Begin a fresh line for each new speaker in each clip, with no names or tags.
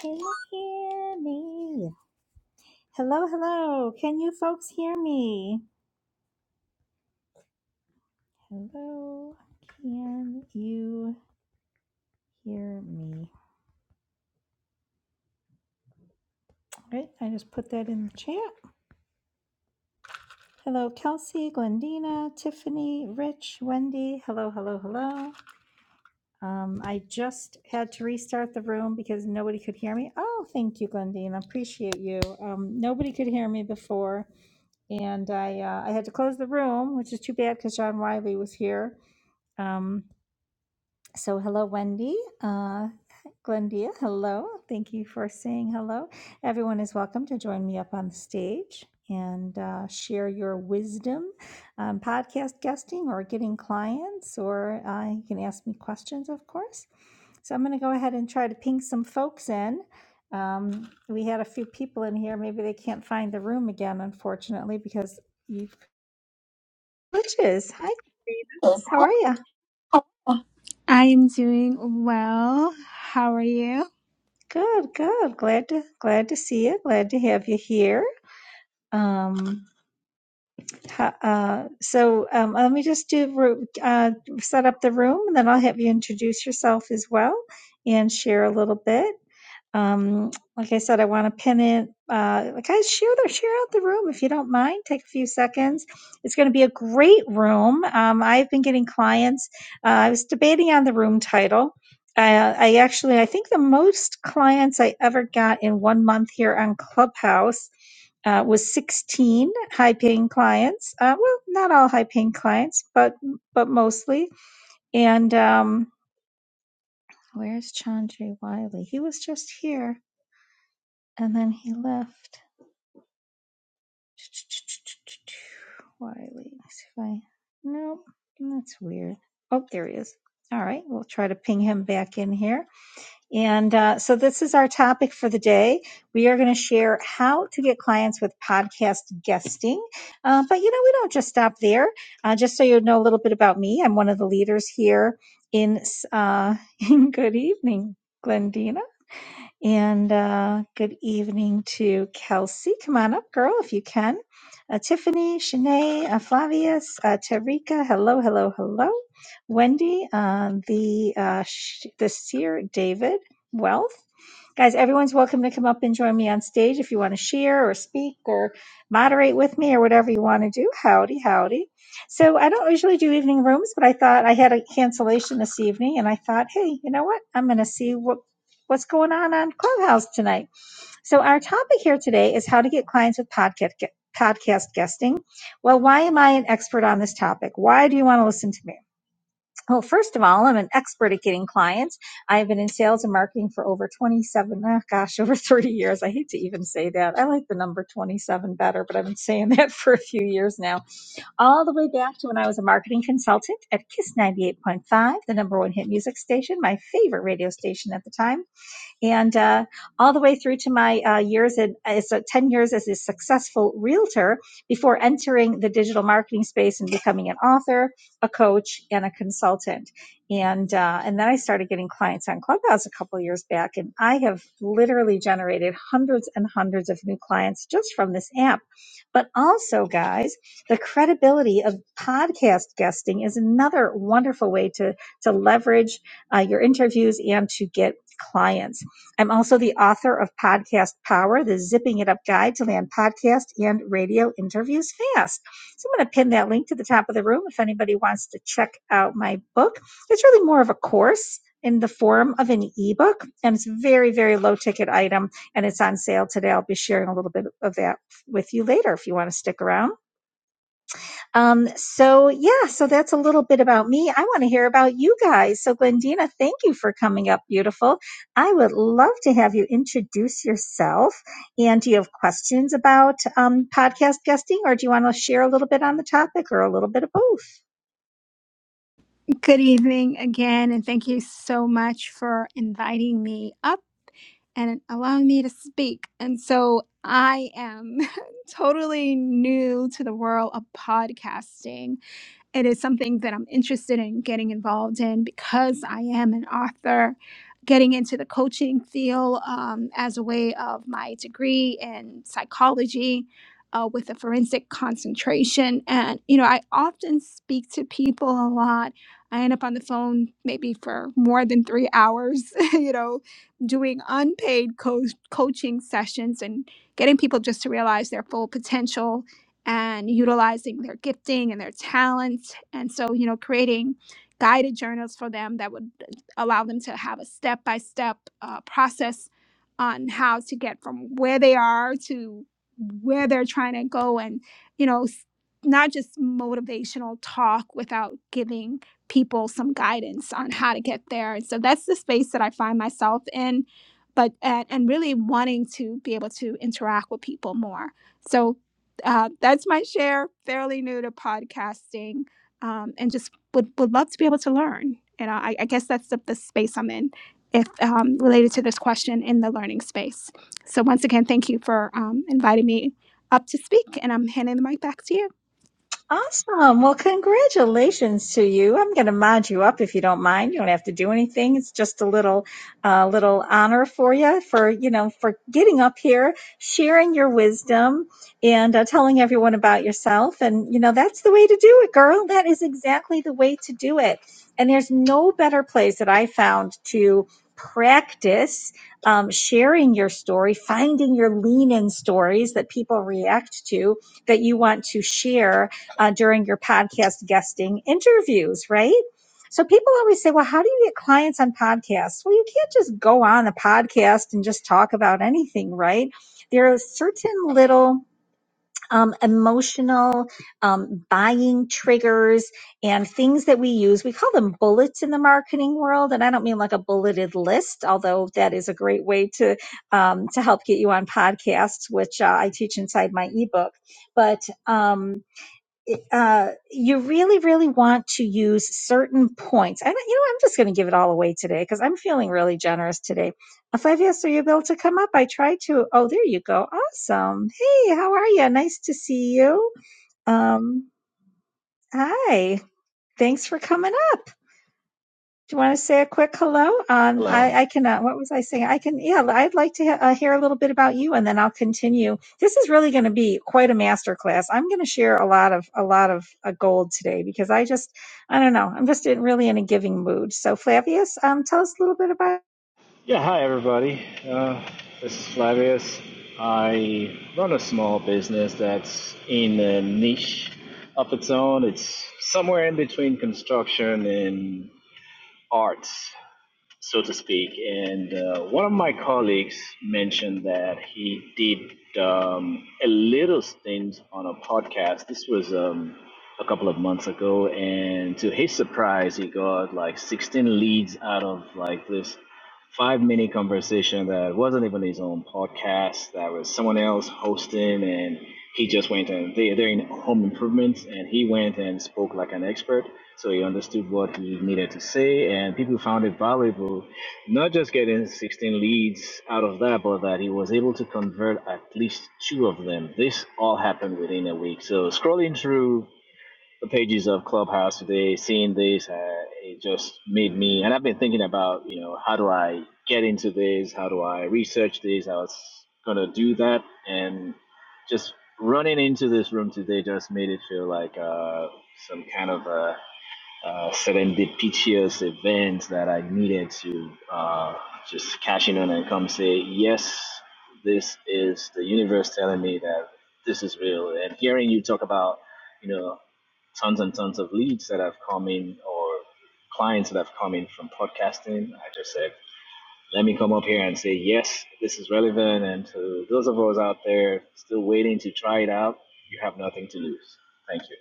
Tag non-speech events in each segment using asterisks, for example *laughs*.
Can you hear me? Hello, hello. Can you folks hear me? Hello. Can you hear me? All right, I just put that in the chat. Hello, Kelsey, Glendina, Tiffany, Rich, Wendy. Hello, hello, hello. Um, I just had to restart the room because nobody could hear me. Oh, thank you, Glendina. Appreciate you. Um, nobody could hear me before, and I uh, I had to close the room, which is too bad because John Wiley was here. Um, So, hello, Wendy. Uh, Glendia, hello. Thank you for saying hello. Everyone is welcome to join me up on the stage and uh, share your wisdom on podcast guesting or getting clients, or uh, you can ask me questions, of course. So, I'm going to go ahead and try to ping some folks in. Um, we had a few people in here. Maybe they can't find the room again, unfortunately, because you've. Glitches. Hi, Glendia. How are you?
I am doing well. How are you?
Good, good. Glad to glad to see you. Glad to have you here. Um, ha- uh, so um, let me just do ro- uh, set up the room, and then I'll have you introduce yourself as well and share a little bit. Um, like I said, I want to pin it. Uh, like, guys, share the share out the room if you don't mind. Take a few seconds. It's going to be a great room. Um, I've been getting clients. Uh, I was debating on the room title. I, I actually, I think the most clients I ever got in one month here on Clubhouse uh, was 16 high-paying clients. Uh, well, not all high-paying clients, but but mostly. And um, where's Chandra Wiley? He was just here and then he left. *tsk* Wiley. Let's see if I. Nope. That's weird. Oh, there he is. All right. We'll try to ping him back in here. And uh, so this is our topic for the day. We are going to share how to get clients with podcast guesting. Uh, but, you know, we don't just stop there. Uh, just so you know a little bit about me, I'm one of the leaders here in, uh, *laughs* in Good Evening. Glendina. And uh, good evening to Kelsey. Come on up, girl, if you can. Uh, Tiffany, Shanae, uh, Flavius, uh, Tarika. Hello, hello, hello. Wendy, uh, the uh, sh- the seer David Wealth. Guys, everyone's welcome to come up and join me on stage if you want to share or speak or moderate with me or whatever you want to do. Howdy, howdy. So, I don't usually do evening rooms, but I thought I had a cancellation this evening and I thought, hey, you know what? I'm going to see what what's going on on Clubhouse tonight. So our topic here today is how to get clients with podcast podcast guesting. Well, why am I an expert on this topic? Why do you want to listen to me? Well, first of all, I'm an expert at getting clients. I've been in sales and marketing for over 27, ah, gosh, *laughs* over 30 years. I hate to even say that. I like the number 27 better, but I've been saying that *laughs* for a few years now. All the way back to when I was a marketing consultant at Kiss 98.5, the number one hit music station, my favorite radio station at the time and uh, all the way through to my uh, years in as a- 10 years as a successful realtor before entering the digital marketing space and becoming an author a coach and a consultant and uh, and then i started getting clients on clubhouse a couple of years back and i have literally generated hundreds and hundreds of new clients just from this app but also guys the credibility of podcast guesting is another wonderful way to to leverage uh, your interviews and to get clients I'm also the author of Podcast Power, the Zipping It Up Guide to Land Podcast and Radio Interviews Fast. So I'm going to pin that link to the top of the room if anybody wants to check out my book. It's really more of a course in the form of an ebook, and it's a very, very low ticket item, and it's on sale today. I'll be sharing a little bit of that with you later if you want to stick around. Um, so yeah, so that's a little bit about me. I want to hear about you guys. So Glendina, thank you for coming up, beautiful. I would love to have you introduce yourself. And do you have questions about um, podcast guesting, or do you want to share a little bit on the topic, or a little bit of both?
Good evening again, and thank you so much for inviting me up and allowing me to speak. And so I am *laughs* totally new to the world of podcasting. It is something that I'm interested in getting involved in because I am an author. Getting into the coaching field um, as a way of my degree in psychology uh, with a forensic concentration. And, you know, I often speak to people a lot. I end up on the phone maybe for more than three hours, *laughs* you know, doing unpaid co- coaching sessions and getting people just to realize their full potential and utilizing their gifting and their talents. And so, you know, creating guided journals for them that would allow them to have a step by step process on how to get from where they are to where they're trying to go and, you know, s- not just motivational talk without giving people some guidance on how to get there. And so that's the space that I find myself in, but and, and really wanting to be able to interact with people more. So uh, that's my share. Fairly new to podcasting, um, and just would, would love to be able to learn. And I, I guess that's the, the space I'm in, if um, related to this question in the learning space. So once again, thank you for um, inviting me up to speak, and I'm handing the mic back to you.
Awesome. Well, congratulations to you. I'm going to mod you up if you don't mind. You don't have to do anything. It's just a little, uh, little honor for you for, you know, for getting up here, sharing your wisdom and uh, telling everyone about yourself. And, you know, that's the way to do it, girl. That is exactly the way to do it. And there's no better place that I found to practice um, sharing your story, finding your lean in stories that people react to that you want to share uh, during your podcast guesting interviews, right? So people always say, well, how do you get clients on podcasts? Well, you can't just go on a podcast and just talk about anything, right? There are certain little um, emotional um, buying triggers and things that we use. We call them bullets in the marketing world, and I don't mean like a bulleted list, although that is a great way to um, to help get you on podcasts, which uh, I teach inside my ebook. But um, uh, you really, really want to use certain points. And you know, I'm just going to give it all away today because I'm feeling really generous today. If I've asked are you able to come up, I tried to. Oh, there you go. Awesome. Hey, how are you? Nice to see you. Um, hi. Thanks for coming. Do you want to say a quick hello? Um,
Hello.
I, I can. Uh, what was I saying? I can. Yeah, I'd like to uh, hear a little bit about you, and then I'll continue. This is really going to be quite a masterclass. I'm going to share a lot of a lot of uh, gold today because I just, I don't know, I'm just in, really in a giving mood. So, Flavius, um, tell us a little bit about.
Yeah, hi everybody. Uh, this is Flavius. I run a small business that's in a niche of its own. It's somewhere in between construction and arts, so to speak. And uh, one of my colleagues mentioned that he did um, a little stint on a podcast. This was um, a couple of months ago, and to his surprise, he got like 16 leads out of like this five minute conversation that wasn't even his own podcast that was someone else hosting and he just went and they, they're in home improvement and he went and spoke like an expert so he understood what he needed to say and people found it valuable not just getting 16 leads out of that but that he was able to convert at least two of them this all happened within a week so scrolling through the pages of Clubhouse today, seeing this, uh, it just made me, and I've been thinking about, you know, how do I get into this? How do I research this? I was going to do that. And just running into this room today just made it feel like uh, some kind of a uh, serendipitous events that I needed to uh, just cash in on and come say, yes, this is the universe telling me that this is real. And hearing you talk about, you know, tons and tons of leads that have come in or clients that have come in from podcasting, I just said, let me come up here and say, yes, this is relevant. And to those of us out there still waiting to try it out, you have nothing to lose. Thank you.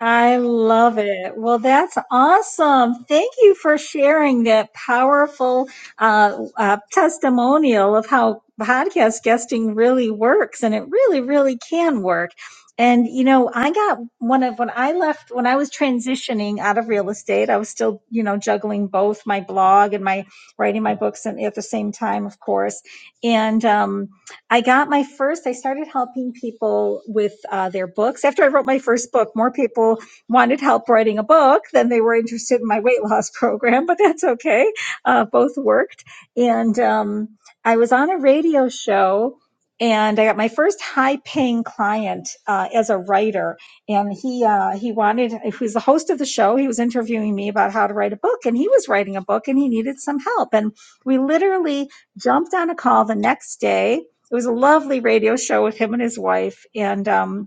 I love it. Well, that's awesome. Thank you for sharing that powerful uh, uh, testimonial of how podcast guesting really works. And it really, really can work. And, you know, I got one of when I left, when I was transitioning out of real estate, I was still, you know, juggling both my blog and my writing my books and at the same time, of course. And, um, I got my first, I started helping people with uh, their books. After I wrote my first book, more people wanted help writing a book than they were interested in my weight loss *laughs* program, but that's okay. Uh, both worked. And um, I was on a radio show and I got my first high paying client uh, as a writer. And he, uh, he wanted, he was the host of the show. He was interviewing me about how to write a book and he was writing a book and he needed some help. And we literally jumped on a call the next day it was a lovely radio show with him and his wife, and um,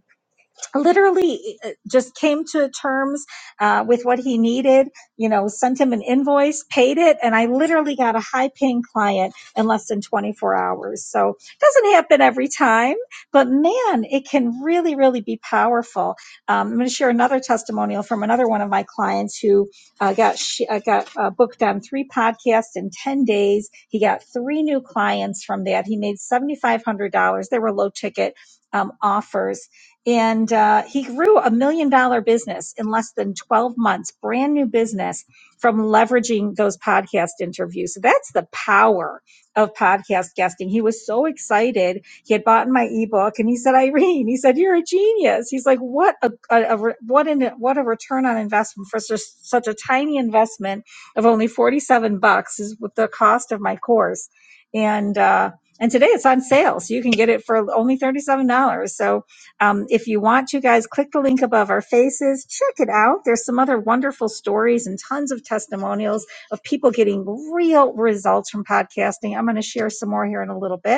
literally uh, just came to terms uh, with what he needed you know sent him an invoice paid it and i literally got a high paying client in less than 24 hours so it doesn't happen every time but man it can really really be powerful um, i'm going to share another testimonial from another one of my clients who uh, got sh- uh, got uh, booked on three podcasts in 10 days he got three new clients from that he made $7500 they were low ticket um, offers and uh, he grew a million dollar business in less than 12 months brand new business from leveraging those podcast interviews so that's the power of podcast guesting he was so excited he had bought my ebook and he said irene he said you're a genius he's like what a, a, a re- what an what a return on investment for such, such a tiny investment of only 47 bucks is with the cost of my course and uh and today it's on sale so you can get it for only $37 so um, if you want to, guys, click the link above our faces. Check it out. There's some other wonderful stories and tons of testimonials of people getting real results from podcasting. I'm going to share some more here in a little bit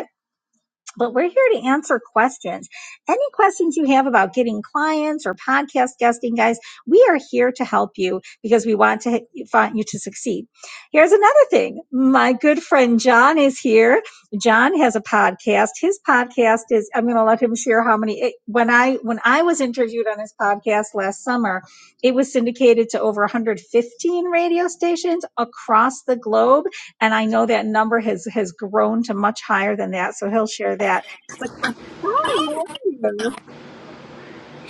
but we're here to answer questions. Any questions you have about getting clients or podcast guesting, guys, we are here to help you because we want to find you to succeed. Here's another thing. My good friend John is here. John has a podcast. His podcast is, I'm going to let him share how many, it, when I, when I was interviewed on his podcast last summer, it was syndicated to over 115 radio stations across the globe and I know that number has has grown to much higher than that. So he'll share that. But how are you?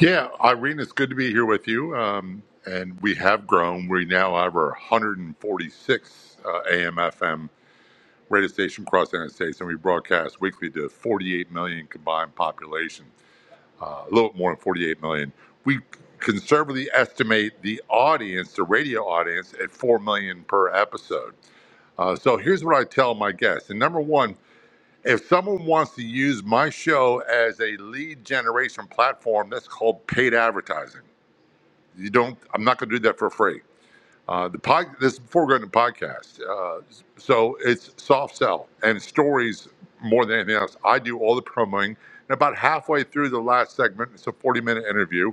Yeah, Irene, it's good to be here with you. Um, and we have grown. We now have our 146 uh, AM FM radio station across the United States, and we broadcast weekly to 48 million combined population, uh, a little bit more than 48 million. We conservatively estimate the audience, the radio audience, at 4 million per episode. Uh, so here's what I tell my guests. And number one, if someone wants to use my show as a lead generation platform, that's called paid advertising. You don't, I'm not gonna do that for free. Uh, the pod, this is before going to podcast. Uh, so it's soft sell and stories more than anything else. I do all the promoing, and about halfway through the last segment, it's a forty-minute interview.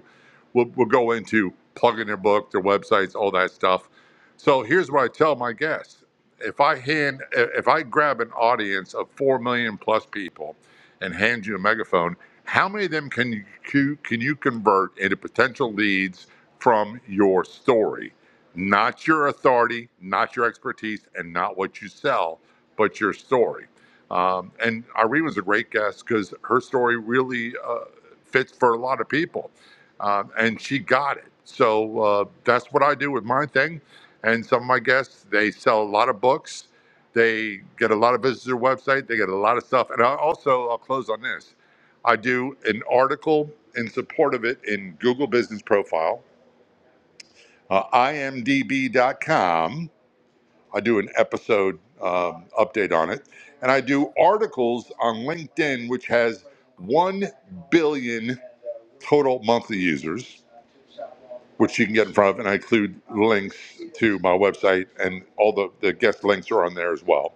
We'll, we'll go into plugging their book, their websites, all that stuff. So here's what I tell my guests: if I hand, if I grab an audience of four million plus people, and hand you a megaphone, how many of them can you can you convert into potential leads from your story? not your authority, not your expertise, and not what you sell, but your story. Um, and Irene was a great guest because her story really uh, fits for a lot of people, um, and she got it. So uh, that's what I do with my thing. And some of my guests, they sell a lot of books. They get a lot of visitors to their website. They get a lot of stuff. And I also, I'll close on this. I do an article in support of it in Google Business Profile uh, imdb.com. I do an episode um, update on it. And I do articles on LinkedIn, which has 1 billion total monthly users which you can get in front of, and I include links to my website and all the, the guest links are on there as well.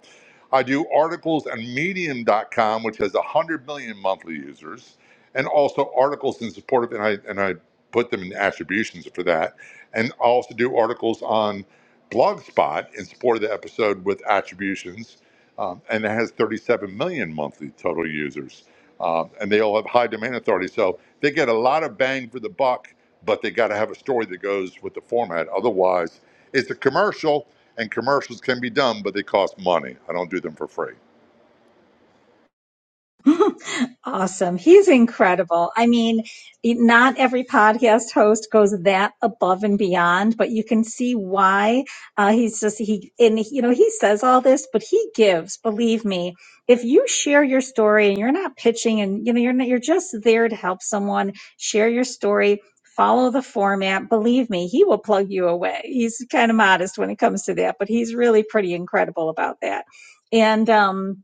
I do articles on medium.com, which has 100 million monthly users, and also articles in support of, and I, and I put them in attributions for that. And I also do articles on Blogspot in support of the episode with attributions, um, and it has 37 million monthly total users um, and they all have high domain authority. So they get a lot of bang for the buck, but they got to have a story that goes with the format. Otherwise, it's a commercial, and commercials can be done, but they cost money. I don't do them for free.
*laughs* Awesome. He's incredible. I mean, not every podcast host goes that above and beyond, but you can see why uh, he's just, he, and you know, he says all this, but he gives, believe me, if you share your story and you're not pitching and, you know, you're not, you're just there to help someone share your story, follow the format, believe me, he will plug you away. He's kind of modest when it comes to that, but he's really pretty incredible about that. And, um,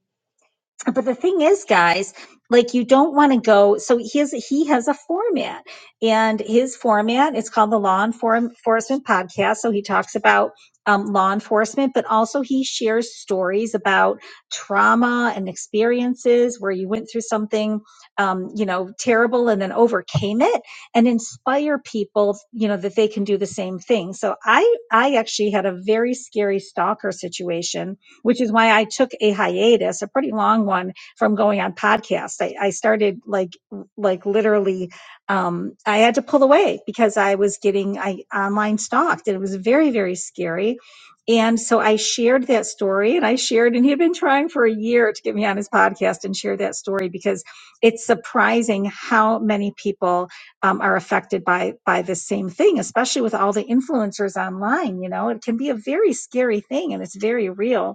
but the thing is guys like you don't want to go so he has he has a format and his format is called the law Enform- enforcement podcast so he talks about um, law enforcement but also he shares stories about trauma and experiences where you went through something um, you know terrible and then overcame it and inspire people you know that they can do the same thing so i i actually had a very scary stalker situation which is why I took a hiatus, a pretty long one, from going on podcasts. I, I started like like literally um, I had to pull away because I was getting I online stalked and it was very, very scary. And so I shared that story and I shared, and he had been trying for a year to get me on his podcast and share that story because it's surprising how many people um, are affected by by the same thing, especially with all the influencers online. You know, it can be a very scary thing and it's very real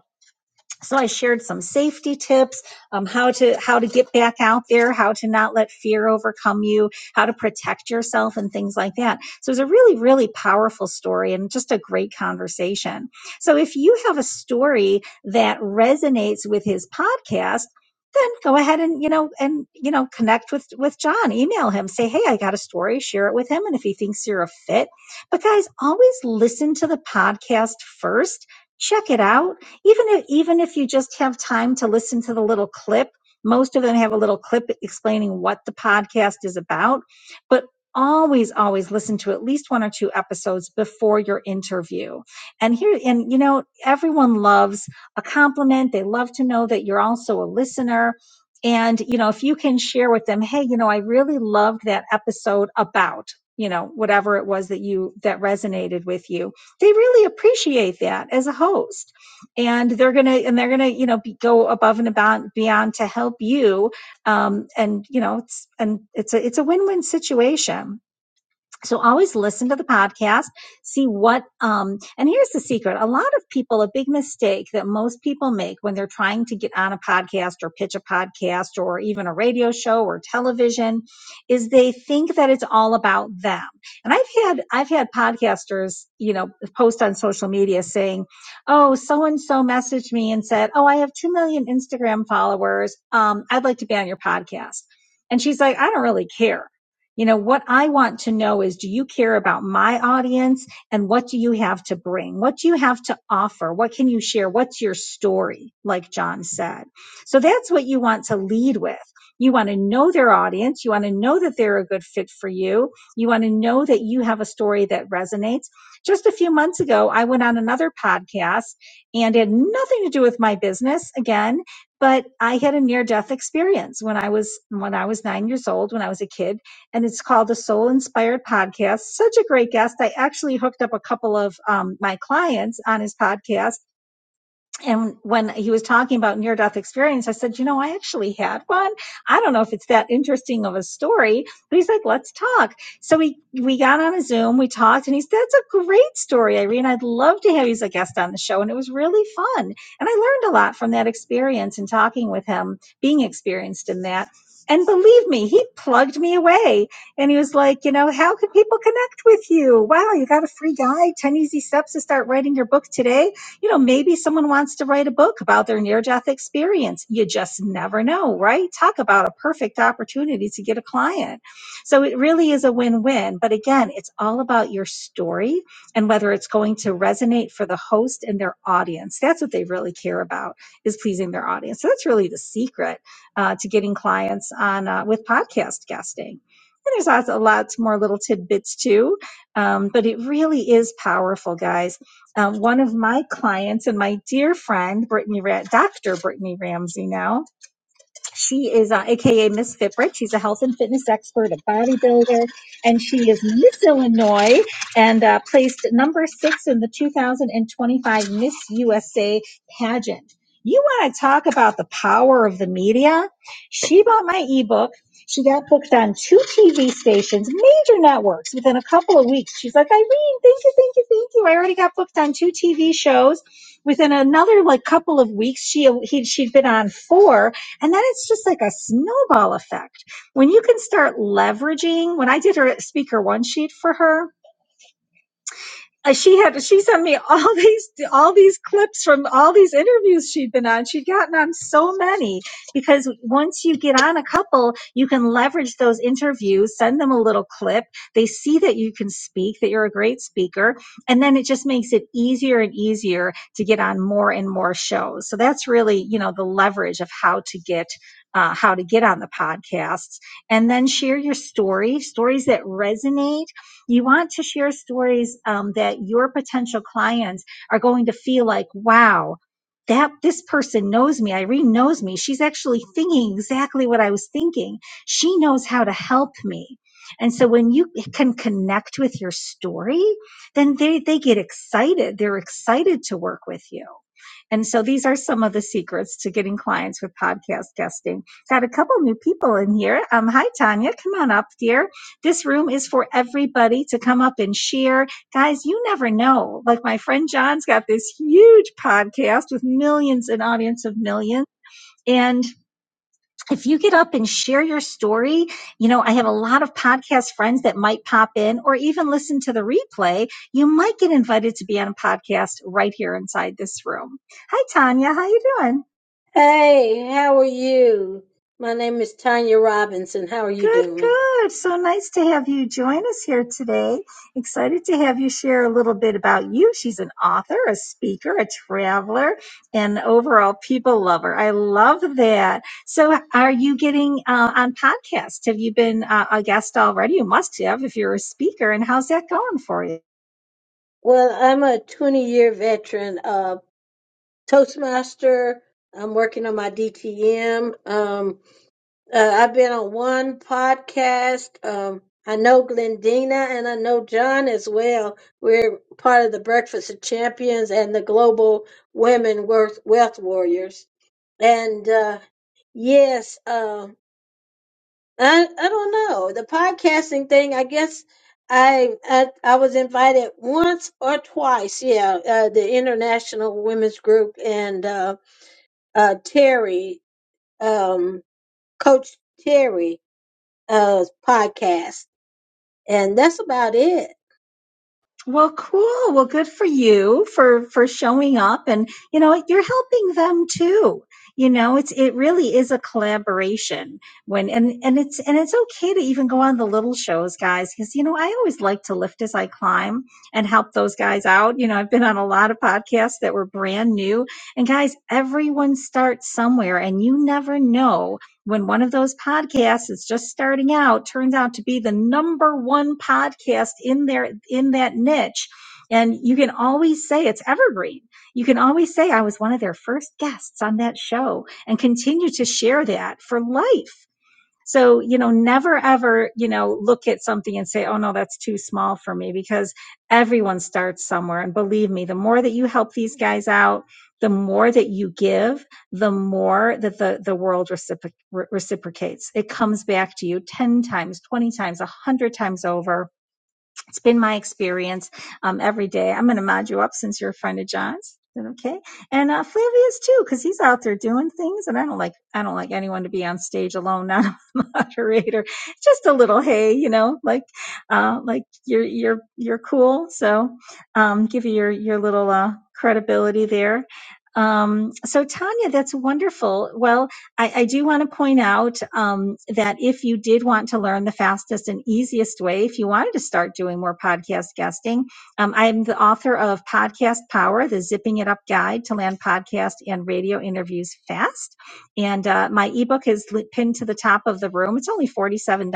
so i shared some safety tips um, how to how to get back out there how to not let fear overcome you how to protect yourself and things like that so it's a really really powerful story and just a great conversation so if you have a story that resonates with his podcast then go ahead and you know and you know connect with with john email him say hey i got a story share it with him and if he thinks you're a fit but guys always listen to the podcast first check it out even if even if you just have time to listen to the little clip most of them have a little clip explaining what the podcast is about but always always listen to at least one or two episodes before your interview and here and you know everyone loves a compliment they love to know that you're also a listener and you know if you can share with them hey you know i really loved that episode about you know whatever it was that you that resonated with you they really appreciate that as a host and they're gonna and they're gonna you know be, go above and about beyond to help you um, and you know it's and it's a it's a win-win situation so always listen to the podcast, see what, um, and here's the secret. A lot of people, a big mistake that most people make when they're trying to get on a podcast or pitch a podcast or even a radio show or television is they think that it's all about them. And I've had, I've had podcasters, you know, post on social media saying, Oh, so and so messaged me and said, Oh, I have 2 million Instagram followers. Um, I'd like to be on your podcast. And she's like, I don't really care you know, what I want to know is do you care about my audience and what do you have to bring? What do you have to offer? What can you share? What's your story? Like John said. So that's what you want to lead with. You want to know their audience. You want to know that they're a good fit for you. You want to know that you have a story that resonates. Just a few months ago, I went on another podcast and it had nothing to do with my business again, but I had a near death experience when I was, when I was nine years old, when I was a kid and it's called the Soul Inspired Podcast. Such a great guest. I actually hooked up a couple of um, my clients on his podcast and when he was talking about near death experience, I said, you know, I actually had one. I don't know if it's that interesting of a story, but he's like, let's talk. So we, we got on a Zoom, we talked and he said, that's a great story, Irene. I'd love to have you as a guest on the show. And it was really fun. And I learned a lot from that experience and talking with him, being experienced in that. And believe me, he plugged me away and he was like, you know, how can people connect with you? Wow, you got a free guide, 10 easy steps to start writing your book today you know, maybe someone wants to write a book about their near death experience. You just never know, right? Talk about a perfect opportunity to get a client. So it really is a win win. But again, it's all about your story and whether it's going to resonate for the host and their audience. That's what they really care about is pleasing their audience. So that's really the secret uh, to getting clients on uh, with podcast guesting. And there's lots, lots more little tidbits too, um, but it really is powerful, guys um, one of my clients and my dear friend, Brittany, Ra- Dr. Brittany Ramsey now, she is uh, AKA Miss Fitbrit. She's a health and fitness expert, a bodybuilder, and she is Miss Illinois and uh, placed number six in the 2025 Miss USA pageant. You want to talk about the power of the media? She bought my ebook. She got booked on two TV stations, major networks, within a couple of weeks. She's like, Irene, thank you, thank you, thank you. I already got booked on two TV shows. Within another like couple of weeks, she he, she'd been on four, and then it's just like a snowball effect. When you can start leveraging, when I did her speaker one sheet for her, uh, she had she sent me all *laughs* these all these clips from all these interviews she'd been on she'd gotten on so many because once you get on a couple you can leverage those interviews send them a little clip they see that you can speak that you're a great speaker and then it just makes it easier and easier to get on more and more shows so that's really you know the leverage of how to get uh, how to get on the podcasts and then share your story stories that resonate you want to share stories um, that your potential clients are going to feel like, wow, that this person knows me. Irene knows me. She's actually thinking exactly what I was thinking. She knows how to help me. And so when you can connect with your story, then they, they get excited. They're excited to work with you. And so these are some of the secrets to getting clients with podcast guesting. Got a couple new people in here. Um, hi, Tanya. Come on up, dear. This room is for everybody to come up and share. Guys, you never know. Like my friend John's got this huge podcast with millions and audience of millions. And if you get up and share your story, you know, I have a lot of podcast friends that might pop in or even listen to the replay. You might get invited to be on a podcast right here inside this room. Hi, Tanya. How you doing?
Hey, how are you? My name is Tanya Robinson. How are you
Good,
doing?
good. So nice to have you join us here today. Excited to have you share a little bit about you. She's an author, a speaker, a traveler, and overall people lover. I love that. So, are you getting uh, on podcasts? Have you been uh, a guest already? You must have if you're a speaker. And how's that going for you?
Well, I'm a 20 year veteran of Toastmaster. I'm working on my DTM. Um, uh, I've been on one podcast. Um, I know Glendina and I know John as well. We're part of the Breakfast of Champions and the Global Women Wealth Wealth Warriors. And uh, yes, um, I I don't know. The podcasting thing, I guess I I, I was invited once or twice, yeah, uh, the International Women's Group and uh, uh, Terry, um, Coach Terry uh, podcast. And that's about it.
Well, cool. Well, good for you for for showing up and you know, you're helping them too. You know, it's it really is a collaboration when and and it's and it's okay to even go on the little shows, guys, cuz you know, I always like to lift as I climb and help those guys out. You know, I've been on a lot of podcasts that were brand new and guys, everyone starts somewhere and you never know when one of those podcasts is just starting out turns out to be the number one podcast in their in that niche and you can always say it's evergreen you can always say i was one of their first guests on that show and continue to share that for life so, you know, never ever, you know, look at something and say, oh no, that's too small for me because everyone starts somewhere. And believe me, the more that you help these guys out, the more that you give, the more that the, the world recipro- reciprocates. It comes back to you 10 times, 20 times, 100 times over it's been my experience um, every day. I'm going to mod you up since you're a friend of John's. Is that Okay, and uh, Flavius too, because he's out there doing things, and I don't like I don't like anyone to be on stage alone, *laughs* not a moderator. Just a little hey, you know, like uh, like you're you're you're cool, so um, give you your your little uh, credibility there. Um, so Tanya, that's wonderful. Well, I, I do want to point out um, that if you did want to learn the fastest and easiest way, if you wanted to start doing more podcast guesting, um, I'm the author of Podcast Power, the Zipping It Up Guide to Land Podcast and Radio Interviews Fast. And uh, my ebook is li- pinned to the top of the room. It's only $47.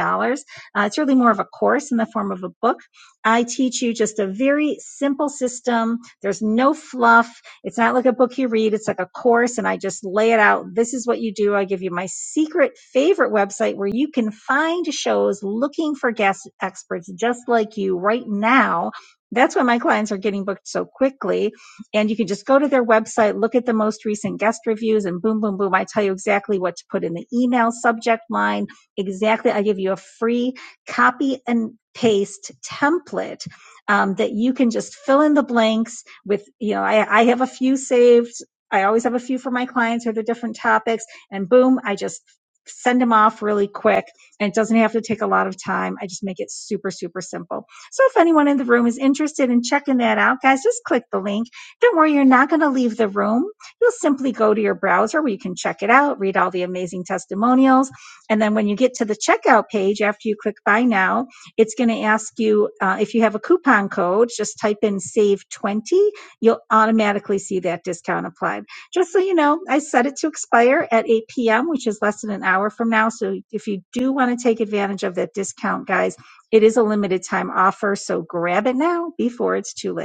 Uh, it's really more of a course in the form of a book. I teach you just a very simple system. There's no fluff it's not like a book you read, it's like a course, and I just lay it out. This is what you do. I give you my secret favorite website where you can find shows looking for guest experts just like you right now. That's why my clients are getting booked so quickly. And you can just go to their website, look at the most recent guest reviews, and boom, boom, boom. I tell you exactly what to put in the email subject line. Exactly. I give you a free copy and paste template um, that you can just fill in the blanks with you know I, I have a few saved i always have a few for my clients or the different topics and boom i just send them off really quick and it doesn't have to take a lot of time i just make it super super simple so if anyone in the room is interested in checking that out guys just click the link don't worry you're not going to leave the room you'll simply go to your browser where you can check it out read all the amazing testimonials and then when you get to the checkout page after you click buy now it's going to ask you uh, if you have a coupon code just type in save 20 you'll automatically see that discount applied. Just so you know, I set it to expire at 8 p.m., which is less than an hour from now. So if you do want to take advantage of that discount, guys, it is a limited time offer. So grab it now before it's too late.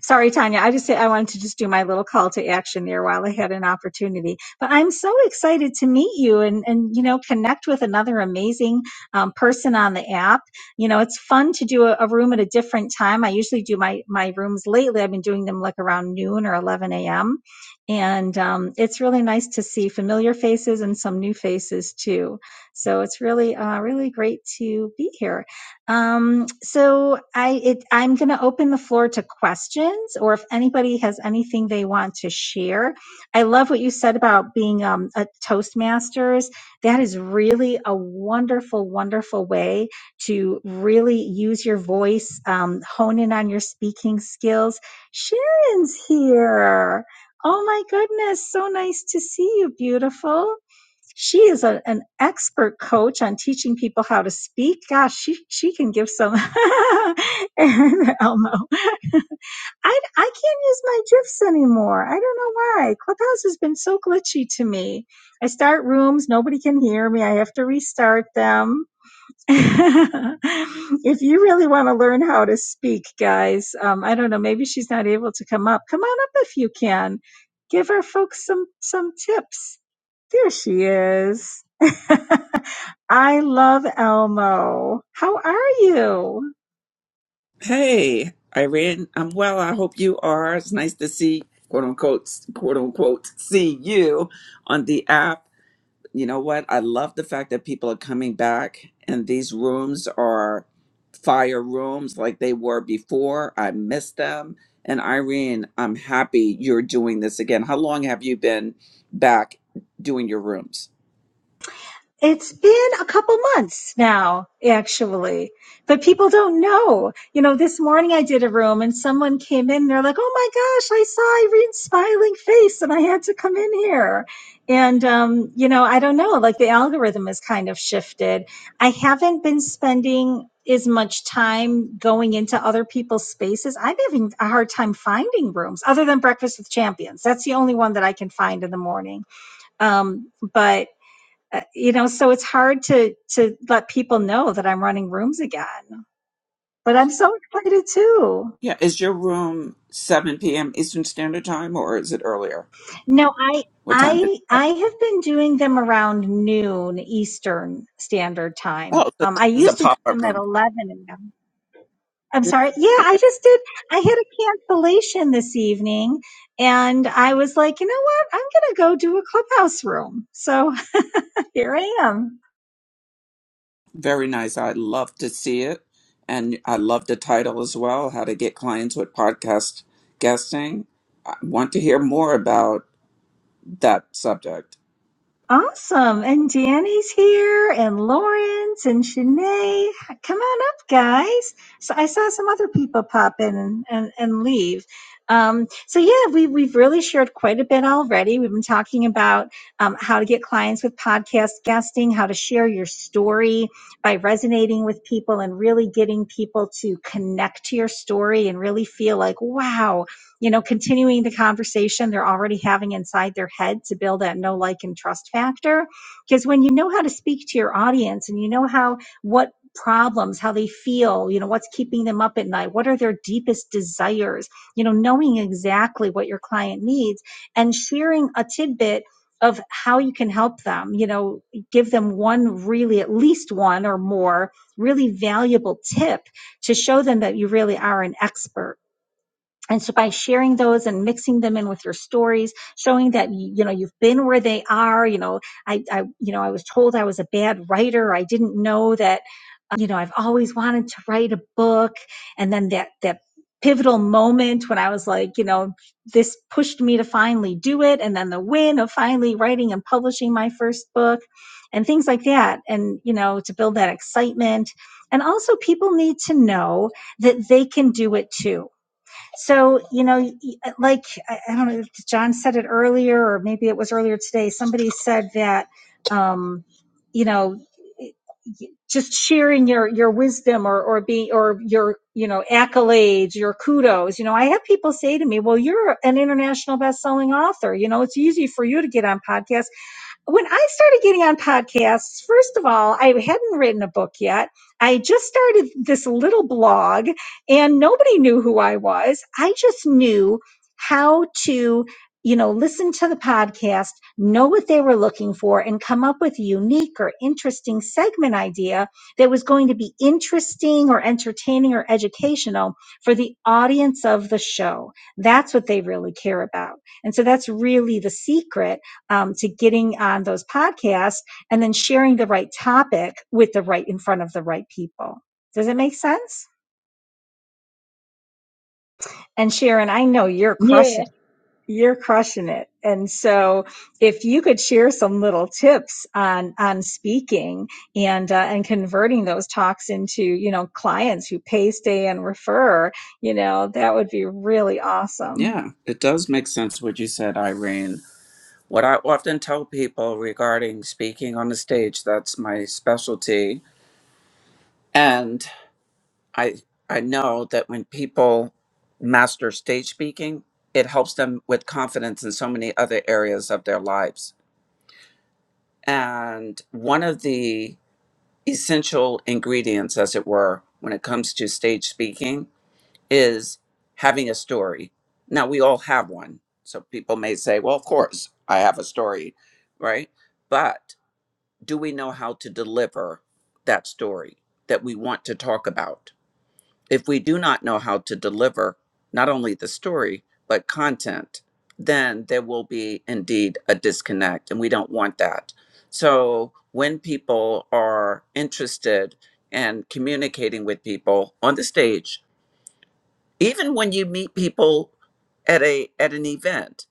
Sorry, Tanya. I just said I wanted to just do my little call to action there while I had an opportunity. But I'm so excited to meet you and and you know connect with another amazing um, person on the app. You know, it's fun to do a, a room at a different time. I usually do my my rooms lately. I've been doing them like around noon or 11 a.m. And um, it's really nice to see familiar faces and some new faces too. So it's really uh, really great to be here. Um, so I, it, I'm going to open the floor to questions or if anybody has anything they want to share. I love what you said about being, um, a Toastmasters. That is really a wonderful, wonderful way to really use your voice, um, hone in on your speaking skills. Sharon's here. Oh my goodness. So nice to see you. Beautiful. She is a, an expert coach on teaching people how to speak. Gosh, she she can give some. *laughs* and Elmo, I I can't use my gifs anymore. I don't know why. Clubhouse has been so glitchy to me. I start rooms, nobody can hear me. I have to restart them. *laughs* if you really want to learn how to speak, guys, um, I don't know. Maybe she's not able to come up. Come on up if you can. Give our folks some some tips there she is. *laughs* I love Elmo. How are you?
Hey, Irene. I'm well. I hope you are. It's nice to see, quote unquote, quote unquote, see you on the app you know what? I love the fact that people are coming back and these rooms are fire rooms like they were before. I miss them. And Irene, I'm happy you're doing this again. How long have you been back doing your rooms?
It's been a couple months now, actually, but people don't know. You know, this morning I did a room and someone came in and they're like, oh my gosh, I saw Irene's smiling face and I had to come in here. And, um, you know, I don't know, like the algorithm has kind of shifted. I haven't been spending as much time going into other people's spaces. I'm having a hard time finding rooms other than Breakfast with Champions. That's the only one that I can find in the morning. Um, but uh, you know so it's hard to to let people know that i'm running rooms again but i'm so excited too
Yeah, is your room 7 p.m. Eastern Standard Time or is it earlier?
no i
What time did
i i have been doing them around noon eastern standard
Oh,
time
so
um
this
i
is a
used to do
pop-up
them at
room.
11 a.m i'm sorry yeah
Okay.
i just did i had a cancellation this evening and i was like you know what i'm gonna go do a clubhouse room so *laughs* here i am
Very nice. I love to see it. And I love the title as well, How to Get Clients with Podcast Guesting. I want to hear more about that subject.
Awesome. And Danny's here and Lawrence and Shanae. Come on up, guys. So I saw some other people pop in and, and, and leave. Um, so yeah, we, we've really shared quite a bit already. We've been talking about um, how to get clients with podcast guesting, how to share your story by resonating with people and really getting people to connect to your story and really feel like, wow, you know, continuing the conversation they're already having inside their head to build that know, like, and trust factor. Because when you know how to speak to your audience and you know how, what problems, how they feel, you know, what's keeping them up at night, what are their deepest desires, you know, knowing exactly what your client needs and sharing a tidbit of how you can help them, you know, give them one really, at least one or more really valuable tip to show them that you really are an expert and so by sharing those and mixing them in with your stories showing that you know you've been where they are you know i i you know i was told i was a bad writer i didn't know that uh, you know i've always wanted to write a book and then that that pivotal moment when i was like you know this pushed me to finally do it and then the win of finally writing and publishing my first book and things like that and you know to build that excitement and also people need to know that they can do it too so, you know, like, I don't know if John said it earlier, or maybe it was earlier today, somebody said that, um, you know, just sharing your, your wisdom or, or be, or your, you know, accolades, your kudos. You know, I have people say to me, well, you're an international best-selling author. You know, it's easy for you to get on podcasts when I started getting on podcasts, first of all, I hadn't written a book yet. I just started this little blog and nobody knew who I was. I just knew how to, you know, listen to the podcast, know what they were looking for, and come up with a unique or interesting segment idea that was going to be interesting or entertaining or educational for the audience of the show. That's what they really care about. And so that's really the secret um, to getting on those podcasts and then sharing the right topic with the right in front of the right people. Does it make sense? And Sharon, I know you're crushing it. you're crushing it. And so if you could share some little tips on on speaking and uh, and converting those talks into, you know, clients who pay, stay and refer, you know, that would be really awesome.
Yeah, it does make sense what you said, Irene. What I often tell people regarding speaking on the stage, that's my specialty. and I I know that when people master stage speaking, it helps them with confidence in so many other areas of their lives. And one of the essential ingredients, as it were, when it comes to stage speaking is having a story. Now we all have one. So people may say, "Well, of course, I have a story," right? But do we know how to deliver that story that we want to talk about? if we do not know how to deliver not only the story but content then there will be indeed a disconnect and we don't want that so when people are interested in communicating with people on the stage even when you meet people at a at an event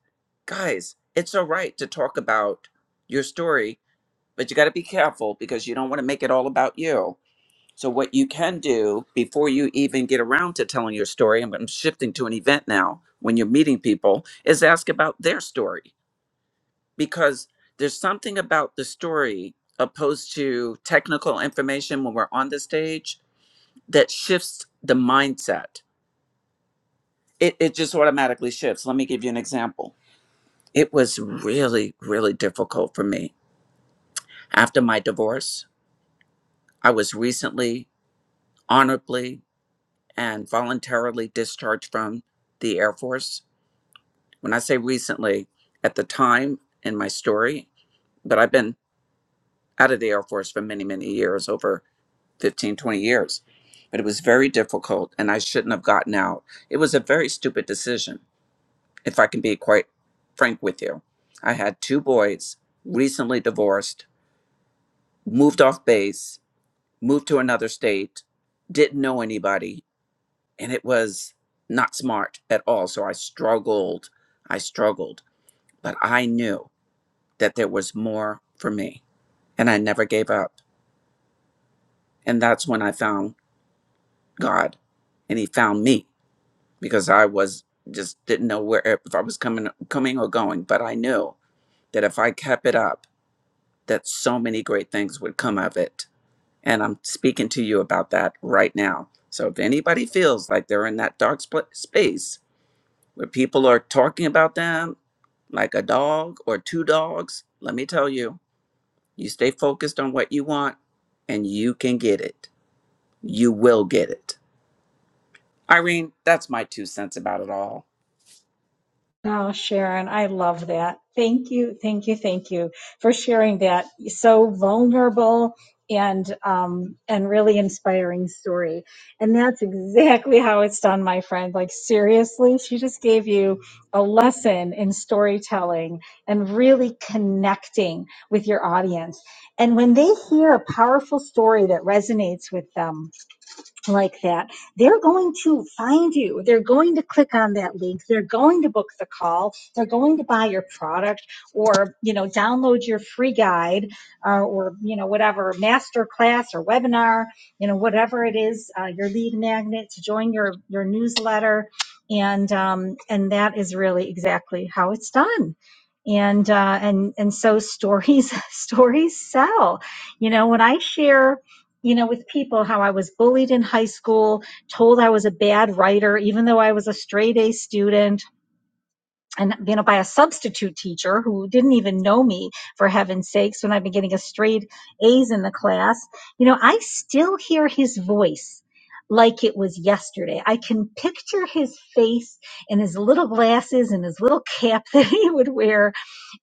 guys it's all right to talk about your story but you got to be careful because you don't want to make it all about you so what you can do before you even get around to telling your story, I'm, I'm shifting to an event now when you're meeting people, is ask about their story because there's something about the story opposed to technical information when we're on the stage that shifts the mindset. It, it just automatically shifts. Let me give you an example. It was really, really difficult for me after my divorce. I was recently, honorably, and voluntarily discharged from the Air Force. When I say recently, at the time in my story, but I've been out of the Air Force for many, many years, over 15, 20 years. But it was very difficult and I shouldn't have gotten out. It was a very stupid decision, if I can be quite frank with you. I had two boys, recently divorced, moved off base, moved to another state, didn't know anybody, and it was not smart at all. So I struggled. I struggled, but I knew that there was more for me and I never gave up. And that's when I found God and he found me because I was just didn't know where if I was coming coming or going, but I knew that if I kept it up that so many great things would come of it. And I'm speaking to you about that right now. So if anybody feels like they're in that dark spl- space where people are talking about them like a dog or two dogs, let me tell you, you stay focused on what you want and you can get it. You will get it. Irene, that's my two cents about it all.
Oh, Sharon, I love that. Thank you, thank you, thank you for sharing that so vulnerable and um, and really inspiring story. And that's exactly how it's done, my friend. Like seriously, she just gave you a lesson in storytelling and really connecting with your audience. And when they hear a powerful story that resonates with them, like that, they're going to find you. They're going to click on that link. They're going to book the call. They're going to buy your product or, you know, download your free guide uh, or, you know, whatever master class or webinar, you know, whatever it is, uh, your lead magnet to join your, your newsletter. And, um, and that is really exactly how it's done. And, uh, and, and so stories, *laughs* stories sell, you know, when I share, you know, with people, how I was bullied in high school, told I was a bad writer, even though I was a straight A student, and, you know, by a substitute teacher who didn't even know me, for heaven's sakes, when I've been getting a straight A's in the class. You know, I still hear his voice like it was yesterday. I can picture his face and his little glasses and his little cap *laughs* that he would wear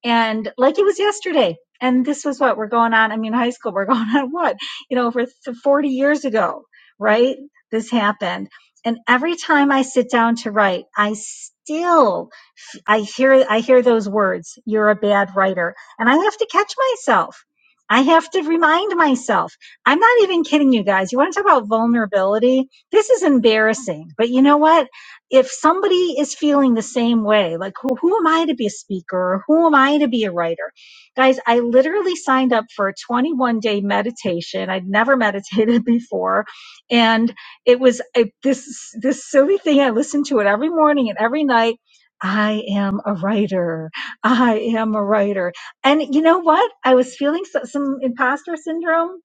and like it was yesterday and this was what we're going on i mean high school we're *laughs* going on what you know over 40 years ago right this happened and every time i sit down to write i still I hear I hear those words, you're a bad writer, and I have to catch myself. I have to remind myself. I'm not even kidding you guys. You want to talk about vulnerability? This is embarrassing. But you know what? If somebody is feeling the same way, like who, who am I to be a speaker or who am I to be a writer? Guys, I literally signed up for a 21 day meditation. I'd never *laughs* meditated before. And it was a, this, this silly thing. I listened to it every morning and every night I am a writer. I am a writer. And you know what? I was feeling so, some imposter syndrome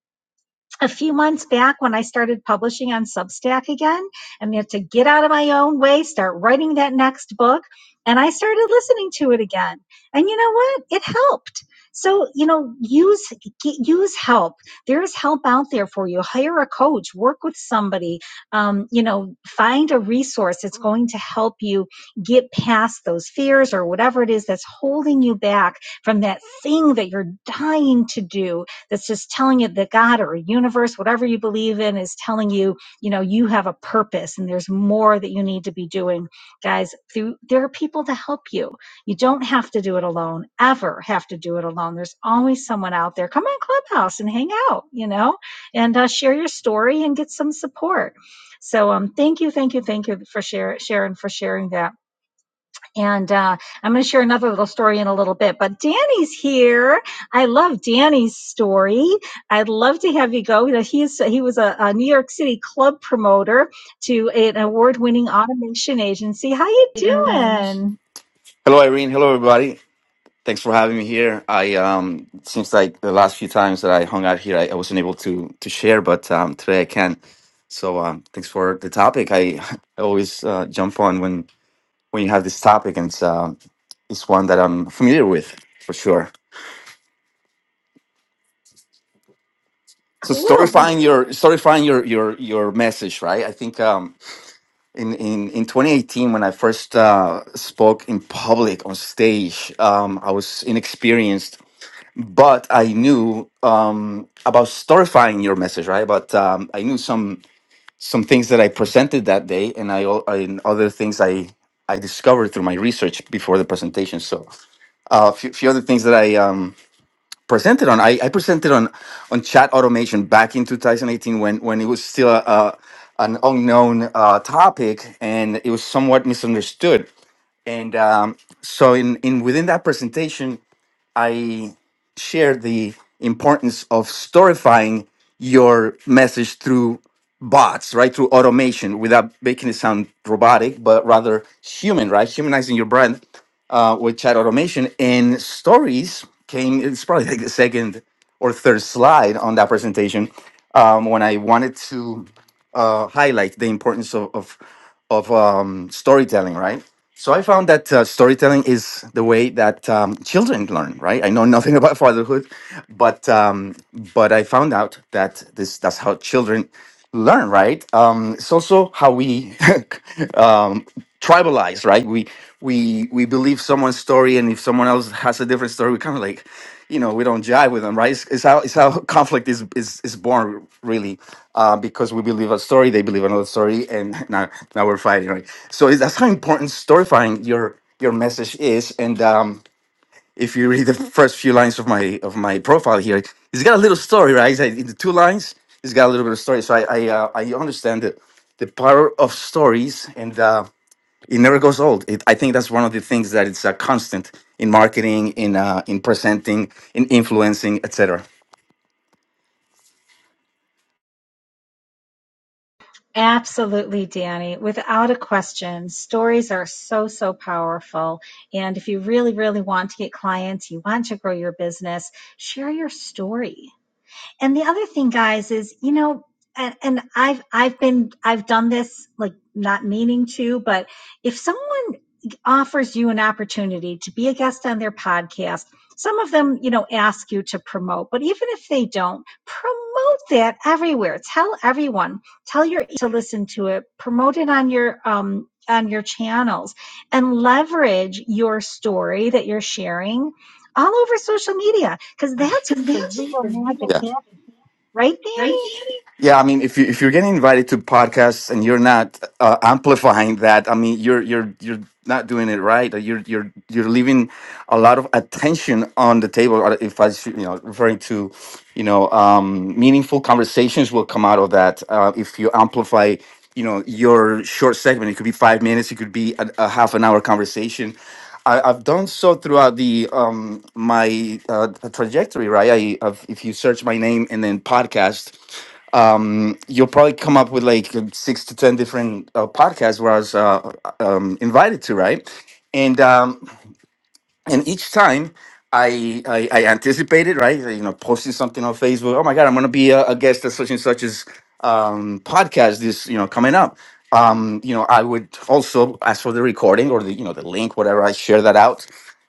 a few months back when I started publishing on Substack again. I mean, to get out of my own way, start writing that next book. And I started listening to it again. And you know what? It helped. So, you know, use get, use help. There is help out there for you. Hire a coach, work with somebody, um, you know, find a resource that's going to help you get past those fears or whatever it is that's holding you back from that thing that you're dying to do that's just telling you that God or a universe, whatever you believe in, is telling you, you know, you have a purpose and there's more that you need to be doing. Guys, through, there are people to help you. You don't have to do it alone, ever have to do it alone. There's always someone out there. Come on, Clubhouse and hang out, you know, and uh, share your story and get some support. So um, thank you, thank you, thank you for share, Sharon, for sharing that and uh, I'm going to share another little story in a little bit. But Danny's here. I love Danny's story. I'd love to have you go. You know, He is he was a, a New York City club promoter to an award-winning automation agency. How you doing?
Hello, Irene. Hello, everybody. Thanks for having me here. I um, it seems like the last few times that I hung out here, I, I wasn't able to to share, but um, today I can. So um, thanks for the topic. I, *laughs* I always uh, jump on when when you have this topic, and it's um, it's one that I'm familiar with for sure. So
Cool.
storifying your storifying your your your message, right? I think um, in in in 2018 when I first uh, spoke in public on stage, um, I was inexperienced but I knew um, about storifying your message, right? But um, I knew some some things that I presented that day, and I al- and other things I I discovered through my research before the presentation. So uh, a few, few other things that I um, presented on. I, I presented on on chat automation back in 2018 when when it was still a, a, an unknown uh, topic and it was somewhat misunderstood. And um, so in in within that presentation I share the importance of storifying your message through bots, right? Through automation without making it sound robotic, but rather human, right? Humanizing your brand uh, with chat automation. And stories came, it's probably like the second or third slide on that presentation um, when I wanted to uh, highlight the importance of, of of um, storytelling, right? So I found that uh, storytelling is the way that um, children learn, right? I know nothing *laughs* about fatherhood, but um, but I found out that this that's how children learn, right? Um, it's also how we *laughs* um, tribalize, right? We we we believe someone's story, and if someone else has a different story, we kind of like you know we don't jive with them right it's, it's how it's how *laughs* conflict is is, is born really uh, because we believe a story they believe another story and *laughs* now now we're fighting right so it's, that's how important storifying your your message is and um if you read the first few lines of my of my profile here it's got a little story right it's like in the two lines it's got a little bit of story so i i uh, i understand the the power of stories and uh it never goes old. It, I think that's one of the things that it's a constant in marketing, in uh, in presenting, in influencing, etc.
Absolutely, Danny. Without a question, stories are so so powerful. And if you really really want to get clients, you want to grow your business, share your story And the other thing, guys, is you know, and, and I've I've been I've done this like not meaning to, but if someone offers you an opportunity to be a guest on their podcast, some of them you know ask you to promote, but even if they don't, promote that everywhere. Tell everyone, tell your to listen to it, promote it on your um on your channels, and leverage your story that you're sharing all over social media because that's where the real magic happens Right, Danny?
Yeah, I mean, if you if you're getting invited to podcasts and you're not uh, amplifying that, I mean, you're you're you're not doing it right. or You're you're you're leaving a lot of attention on the table. or If I should, you know referring to, you know, um, meaningful conversations will come out of that uh, if you amplify. You know your short segment. It could be five minutes. It could be a, a half an hour conversation. I, I've done so throughout the um my uh, trajectory, right? I I've, if you search my name and then podcast, um, you'll probably come up with like six to ten different uh, podcasts where I was uh, um, invited to, right? And um, and each time I, I I anticipated, right? You know, posting something on Facebook. Oh my God, I'm going to be a, a guest at such and such's um, podcast. This you know coming up. Um, you know, I would also ask for the recording or the you know the link, whatever. I share that out,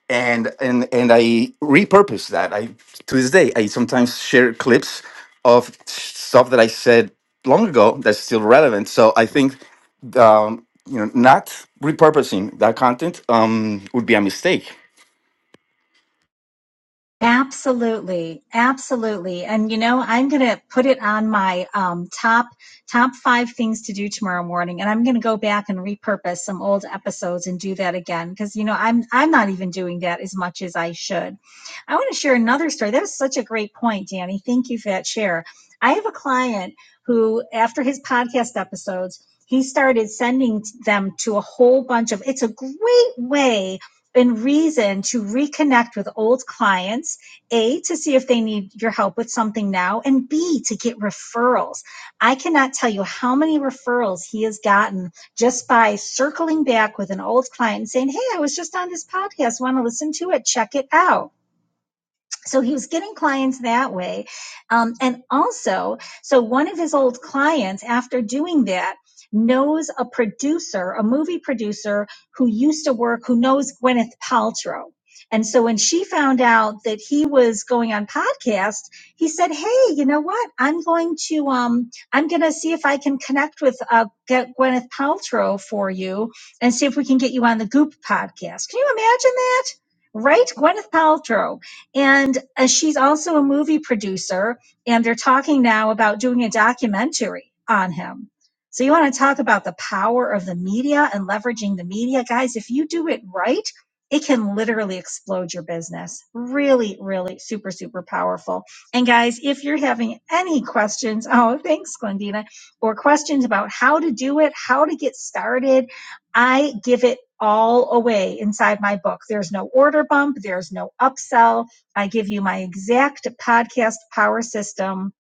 and and and I repurpose that. I to this day I sometimes share clips of stuff that I said long ago that's still relevant. So I think um, you know not repurposing that content um, would be a mistake
Absolutely, absolutely. And you know, I'm going to put it on my um, top top five things to do tomorrow morning, and I'm going to go back and repurpose some old episodes and do that again because you know I'm I'm not even doing that as much as I should. I want to share another story. That was such a great point, Danny. Thank you for that share. I have a client who, after his podcast episodes. He started sending them to a whole bunch of, it's a great way and reason to reconnect with old clients, A, to see if they need your help with something now, and B, to get referrals. I cannot tell you how many referrals he has gotten just by circling back with an old client and saying, Hey, I was just on this podcast, want to listen to it, check it out so he was getting clients that way um, and also so one of his old clients after doing that knows a producer a movie producer who used to work who knows gwyneth paltrow and so when she found out that he was going on podcast he said hey you know what i'm going to um i'm going to see if i can connect with uh get gwyneth paltrow for you and see if we can get you on the goop podcast can you imagine that right gwyneth paltrow and uh, she's also a movie producer, and they're talking now about doing a documentary on him. So, you want to talk about the power of the media and leveraging the media? Guys, if you do it right, it can literally explode your business. Really, really super, super powerful. And, guys, if you're having any questions, *laughs* oh, thanks, Glendina, or questions about how to do it, how to get started, I give it all away inside my book. There's no order bump, there's no upsell I give you my exact podcast power system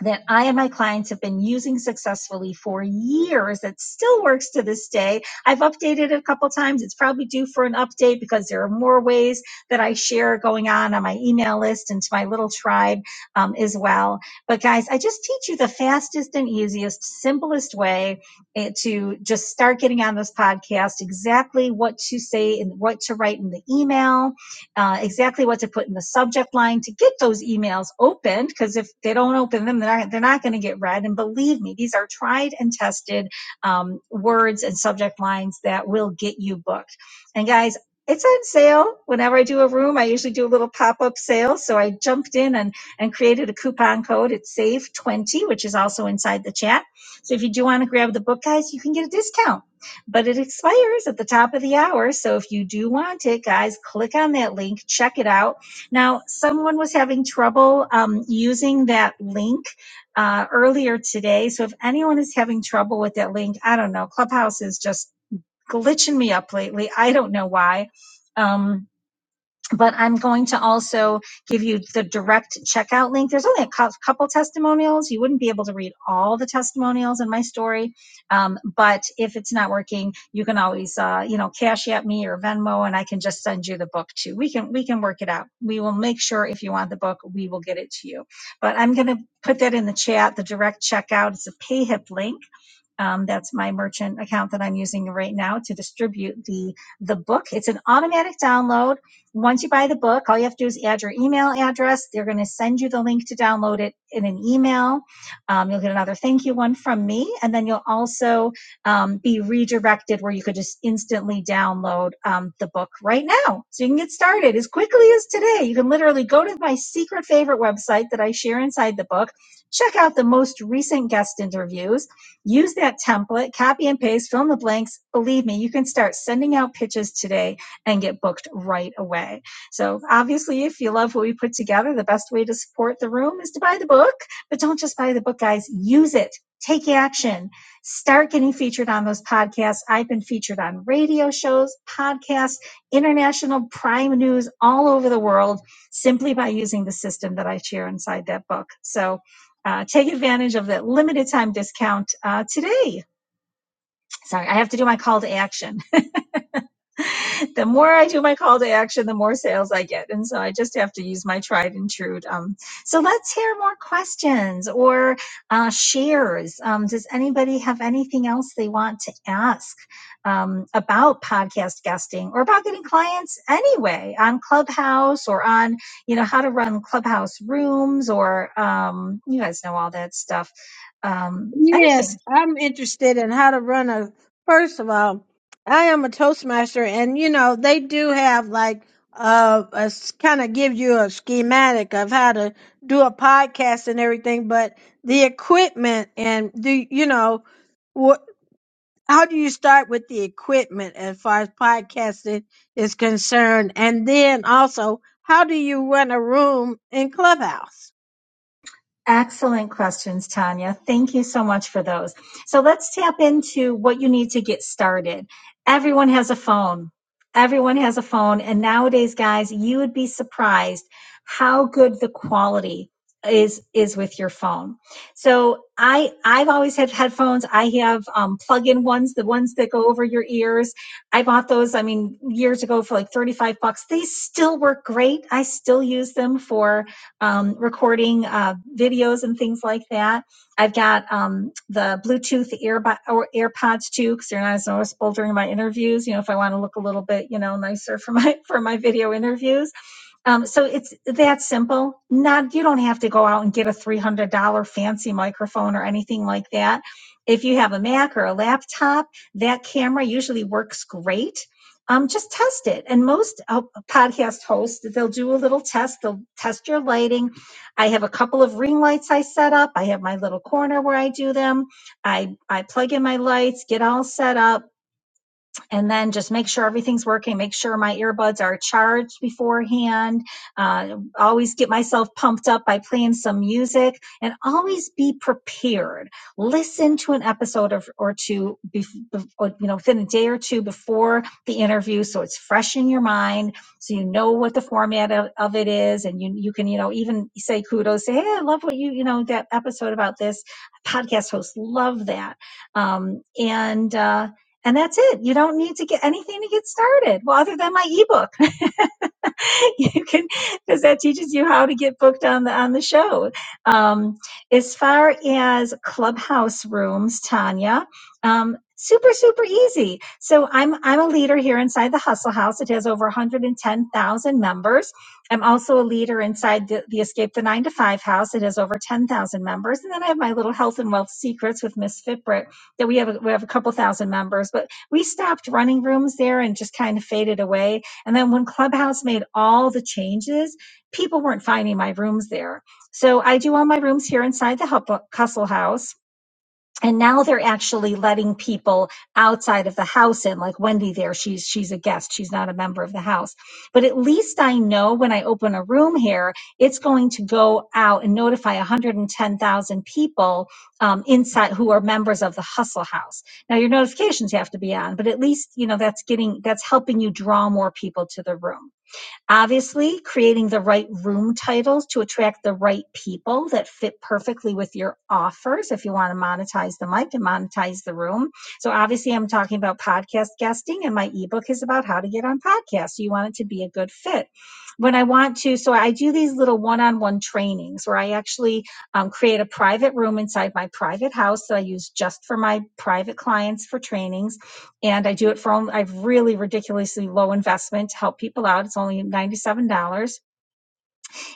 that I and my clients have been using successfully for years. It still works to this day. I've updated it a couple times. It's probably due for an update because there are more ways that I share going on on my email list and to my little tribe um, as well. But guys, I just teach you the fastest and easiest, simplest way eh, to just start getting on this podcast, exactly what to say and what to write in the email uh, exactly what to put in the subject line to get those emails opened. Because if they don't open them, they're not, they're not going to get read. And believe me, these are tried and tested um, words and subject lines that will get you booked. And guys, it's on sale. Whenever I do a room, I usually do a little pop-up sale. So I jumped in and, and created a coupon code. It's SAVE20, which is also inside the chat. So if you do want to grab the book, guys, you can get a discount but it expires at the top of the hour. So if you do want it, guys, click on that link, check it out. Now, someone was having trouble um, using that link uh, earlier today. So if anyone is having trouble with that link, I don't know. Clubhouse is just glitching me up lately. I don't know why. Um, but I'm going to also give you the direct checkout link. There's only a cou- couple testimonials. You wouldn't be able to read all the testimonials in my story, um, but if it's not working, you can always, uh, you know, cash at me or Venmo, and I can just send you the book too. We can we can work it out. We will make sure if you want the book, we will get it to you. But I'm going to put that in the chat. The direct checkout. It's a PayHip link um, that's my merchant account that I'm using right now to distribute the the book. It's an automatic download. Once you buy the book, all you have to do is add your email address. They're going to send you the link to download it in an email. Um, you'll get another thank you one from me, and then you'll also um, be redirected where you could just instantly download um, the book right now, so you can get started as quickly as today. You can literally go to my secret favorite website that I share inside the book. Check out the most recent guest interviews Use that template, copy and paste, fill in the blanks. Believe me, you can start sending out pitches today and get booked right away. So, obviously, if you love what we put together, the best way to support the room is to buy the book. But don't just buy the book, guys, use it. Take action. Start getting featured on those podcasts. I've been featured on radio shows, podcasts, international prime news all over the world simply by using the system that I share inside that book. So, uh, take advantage of that limited time discount uh, today. Sorry, I have to do my call to action. *laughs* the more I do my call to action, the more sales I get. And so I just have to use my tried and true. Um, so let's hear more questions or uh, shares. Um, does anybody have anything else they want to ask um, about podcast guesting or about getting clients anyway on Clubhouse or on, you know, how to run Clubhouse rooms or um, you guys know all that stuff. Um, anything.
Yes, I'm interested in how to run a. First of all, I am a Toastmaster, and you know they do have like uh, a kind of give you a schematic of how to do a podcast and everything, but the equipment and the you know what? How do you start with the equipment as far as podcasting is concerned, and then also how do you run a room in Clubhouse?
Excellent questions, Tanya. Thank you so much for those. So let's tap into what you need to get started. Everyone has a phone. Everyone has a phone. And nowadays, guys, you would be surprised how good the quality is is with your phone. So I I've always had headphones. I have um, plug-in ones, the ones that go over your ears. I bought those, I mean, years ago for like 35 bucks. They still work great. I still use them for um, recording uh, videos and things like that. I've got um, the Bluetooth earbud or AirPods too, because they're not as noticeable during my interviews. You know, if I want to look a little bit, you know, nicer for my *laughs* for my video interviews. Um, so it's that simple. Not you don't have to go out and get a three hundred dollar fancy microphone or anything like that. If you have a Mac or a laptop, that camera usually works great. Um, just test it. And most uh, podcast hosts, they'll do a little test. They'll test your lighting. I have a couple of ring lights I set up. I have my little corner where I do them. I I plug in my lights, get all set up and then just make sure everything's working. Make sure my earbuds are charged beforehand. Uh, always get myself pumped up by playing some music and always be prepared. Listen to an episode of, or two, bef- bef- or, you know, within a day or two before the interview. So it's fresh in your mind. So you know what the format of, of it is. And you, you can, you know, even say kudos, say, Hey, I love what you, you know, that episode about this podcast host. Love that. Um, and, uh, and that's it. You don't need to get anything to get started. Well, other than my ebook, *laughs* you can because that teaches you how to get booked on the on the show. Um, as far as clubhouse rooms, Tanya, um, super super easy. So I'm I'm a leader here inside the Hustle House. It has over 110,000 members. I'm also a leader inside the, the Escape the Nine to Five House. It has over 10,000 members, and then I have my little Health and Wealth Secrets with Miss Fitbrit. That we have a, we have a couple thousand members, but we stopped running rooms there and just kind of faded away and then when Clubhouse made all the changes, people weren't finding my rooms there. So I do all my rooms here inside the Hub- Hustle House and now they're actually letting people outside of the house in like wendy there she's she's a guest she's not a member of the house but at least i know when i open a room here it's going to go out and notify 110000 people um, inside who are members of the hustle house now your notifications have to be on but at least you know that's getting that's helping you draw more people to the room obviously creating the right room titles to attract the right people that fit perfectly with your offers if you want to monetize the mic and monetize the room so obviously i'm talking about podcast guesting and my ebook is about how to get on podcasts so you want it to be a good fit when i want to so i do these little one-on-one trainings where i actually um, create a private room inside my private house that i use just for my private clients for trainings and I do it for, only- I've really ridiculously low investment to help people out. It's only $97.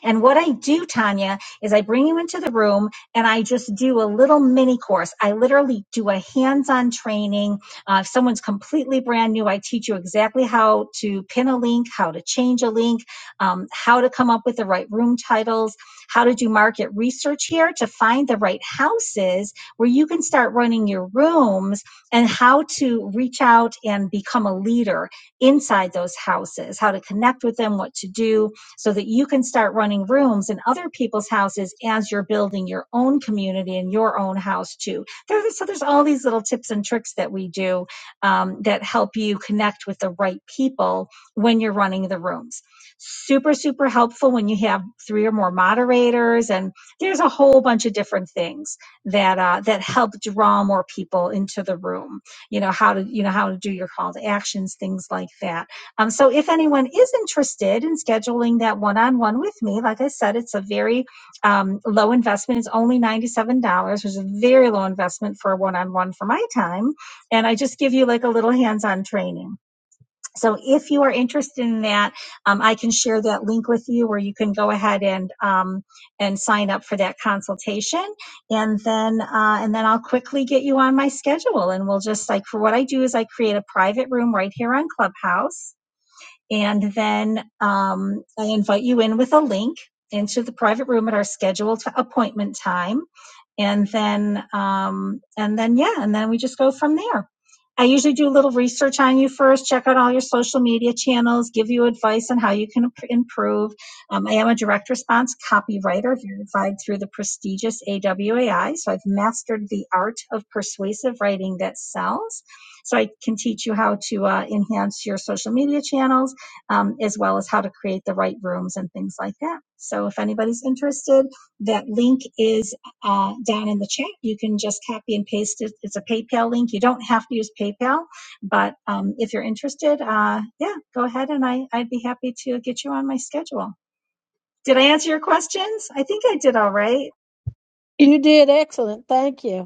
And what I do, Tanya, is I bring you into the room and I just do a little mini course. I literally do a hands on training. Uh, if someone's completely brand new, I teach you exactly how to pin a link, how to change a link, um, how to come up with the right room titles, how to do market research here to find the right houses where you can start running your rooms and how to reach out and become a leader inside those houses, how to connect with them, what to do so that you can start running rooms in other people's houses as you're building your own community in your own house too. There's, so there's all these little tips and tricks that we do um, that help you connect with the right people when you're running the rooms. Super, super helpful when you have three or more moderators, and there's a whole bunch of different things that uh, that help draw more people into the room. You know how to you know how to do your call to actions, things like that um, so if anyone is interested in scheduling that one-on-one with me, like I said, it's a very um, low investment. It's only $97, which is a very low investment for a one-on-one for my time. And I just give you like a little hands-on training. So if you are interested in that, um, I can share that link with you where you can go ahead and um, and sign up for that consultation. And then uh, and then I'll quickly get you on my schedule and we'll just like for what I do is I create a private room right here on Clubhouse and then um, I invite you in with a link into the private room at our scheduled appointment time. And then, um, and then, yeah, and then we just go from there. I usually do a little research on you first, check out all your social media channels, give you advice on how you can improve. Um, I am a direct response copywriter verified through the prestigious AWAI. So I've mastered the art of persuasive writing that sells. So I can teach you how to uh, enhance your social media channels um, as well as how to create the right rooms and things like that. So if anybody's interested, that link is uh, down in the chat. You can just copy and paste it. It's a PayPal link. You don't have to use PayPal, but um, if you're interested, uh, yeah, go ahead and I, I'd be happy to get you on my schedule. Did I answer your questions? I think I did all right.
You did excellent. Thank you.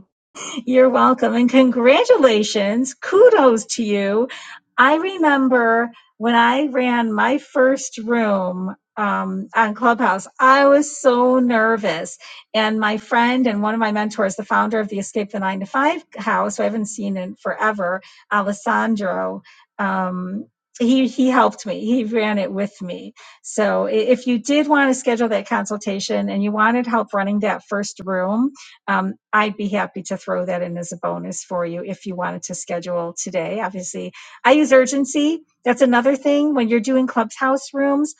You're welcome and congratulations. Kudos to you. I remember when I ran my first room um, on Clubhouse, I was so nervous. And my friend and one of my mentors, the founder of the Escape the Nine to Five house, who I haven't seen in forever, Alessandro, um, he, he helped me. He ran it with me. So i- if you did want to schedule that consultation and you wanted help running that first room, um, I'd be happy to throw that in as a bonus for you if you wanted to schedule today. Obviously, I use urgency. That's another thing when you're doing clubhouse rooms.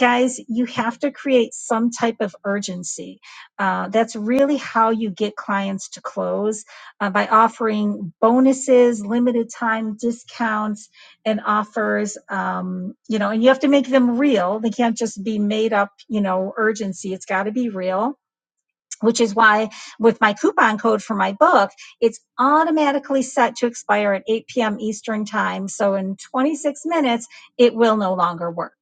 Guys, you have to create some type of urgency. Uh, that's really how you get clients to close uh, by offering bonuses, limited time discounts, and offers. Um, you know, and you have to make them real. They can't just be made up, you know, urgency. It's got to be real which is why with my coupon code for my book, it's automatically set to expire at 8 p.m. Eastern time. So in 26 minutes, it will no longer work.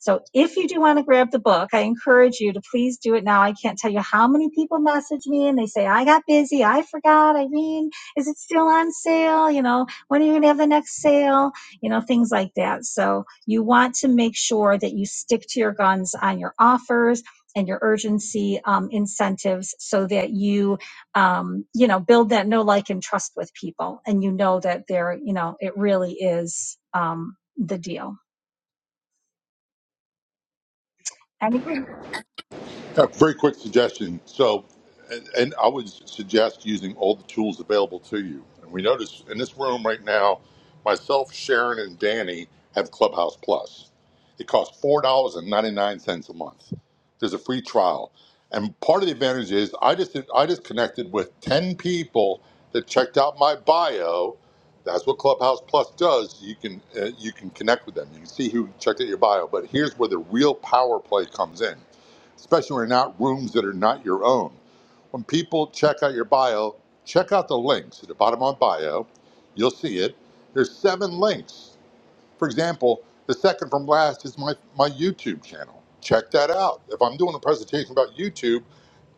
So if you do want to grab the book, I encourage you to please do it now. I can't tell you how many people message me and they say, I got busy. I forgot. Irene, is it still on sale? You know, when are you going to have the next sale? You know, things like that. So you want to make sure that you stick to your guns on your offers and your urgency um, incentives so that you um, you know build that know like and trust with people and you know that they're you know it really is um, the deal anybody
A very quick suggestion. So, and, and I would suggest using all the tools available to you. And we notice in this room right now, myself, Sharon, and Danny have Clubhouse Plus. It costs four dollars and ninety nine cents a month. There's a free trial, and part of the advantage is I just I just connected with ten people that checked out my bio. That's what Clubhouse Plus does. You can uh, you can connect with them. You can see who checked out your bio. But here's where the real power play comes in especially when you're not rooms that are not your own. When people check out your bio, check out the links at the bottom of my bio. You'll see it. There's seven links. For example, the second from last is my, my YouTube channel. Check that out. If I'm doing a presentation about YouTube,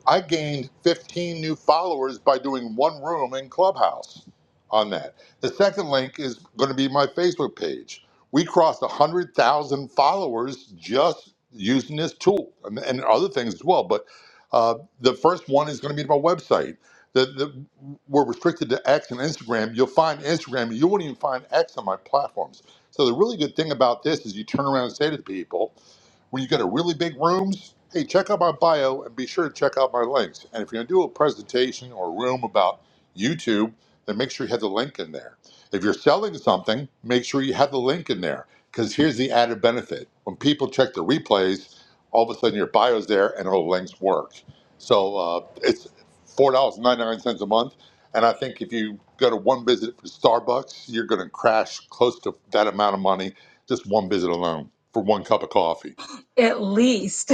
I gained 15 new followers by doing one room in Clubhouse on that. The second link is going to be my Facebook page. We crossed 100,000 followers just using this tool and, and other things as well. But uh, the first one is going to be my website. The, the, we're restricted to X and Instagram. You'll find Instagram. You won't even find X on my platforms. So the really good thing about this is you turn around and say to people, when you get a really big rooms, hey, check out my bio and be sure to check out my links. And if you're gonna do a presentation or a room about YouTube, then make sure you have the link in there. If you're selling something, make sure you have the link in there. Because here's the added benefit. When people check the replays, all of a sudden your bio's there and all the links work. So uh, it's four dollars and ninety nine cents a month. And I think if you go to one visit for Starbucks, you're going to crash close to that amount of money just one visit alone for one cup of coffee.
At least.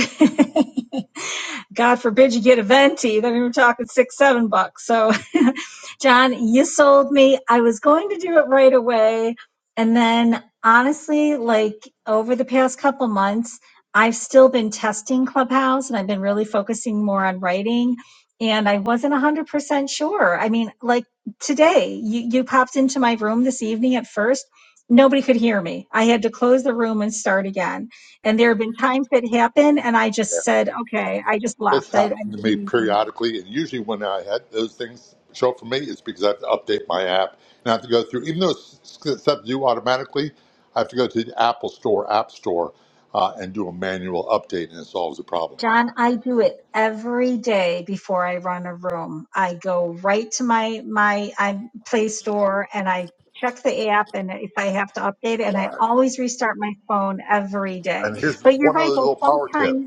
*laughs* God forbid you get a venti. Then we are talking six, seven bucks. So, *laughs* John, you sold me. I was going to do it right away. And then, honestly, like over the past couple months, I've still been testing Clubhouse and I've been really focusing more on writing. And I wasn't 100% sure. I mean, like today, you, you popped into my room this evening at first. Nobody could hear me. I had to close the room and start again and there have been times that happen, and I
Yeah.
just said, okay, I just
This
left. I, I
happened to me
didn't even.
periodically, and usually when I had those things show up for me, it's because I have to update my app and I have to go through. Even though it's it's set to do automatically, I have to go to the Apple Store, App Store, uh, and do a manual update, and it solves the problem.
John, I do it every day before I run a room. I go right to my my I Play Store and I check the app, and if I have to update it, and I
Right.
always restart my phone every day.
And here's
But you're
one other
right, though.
little power tip.
Sometimes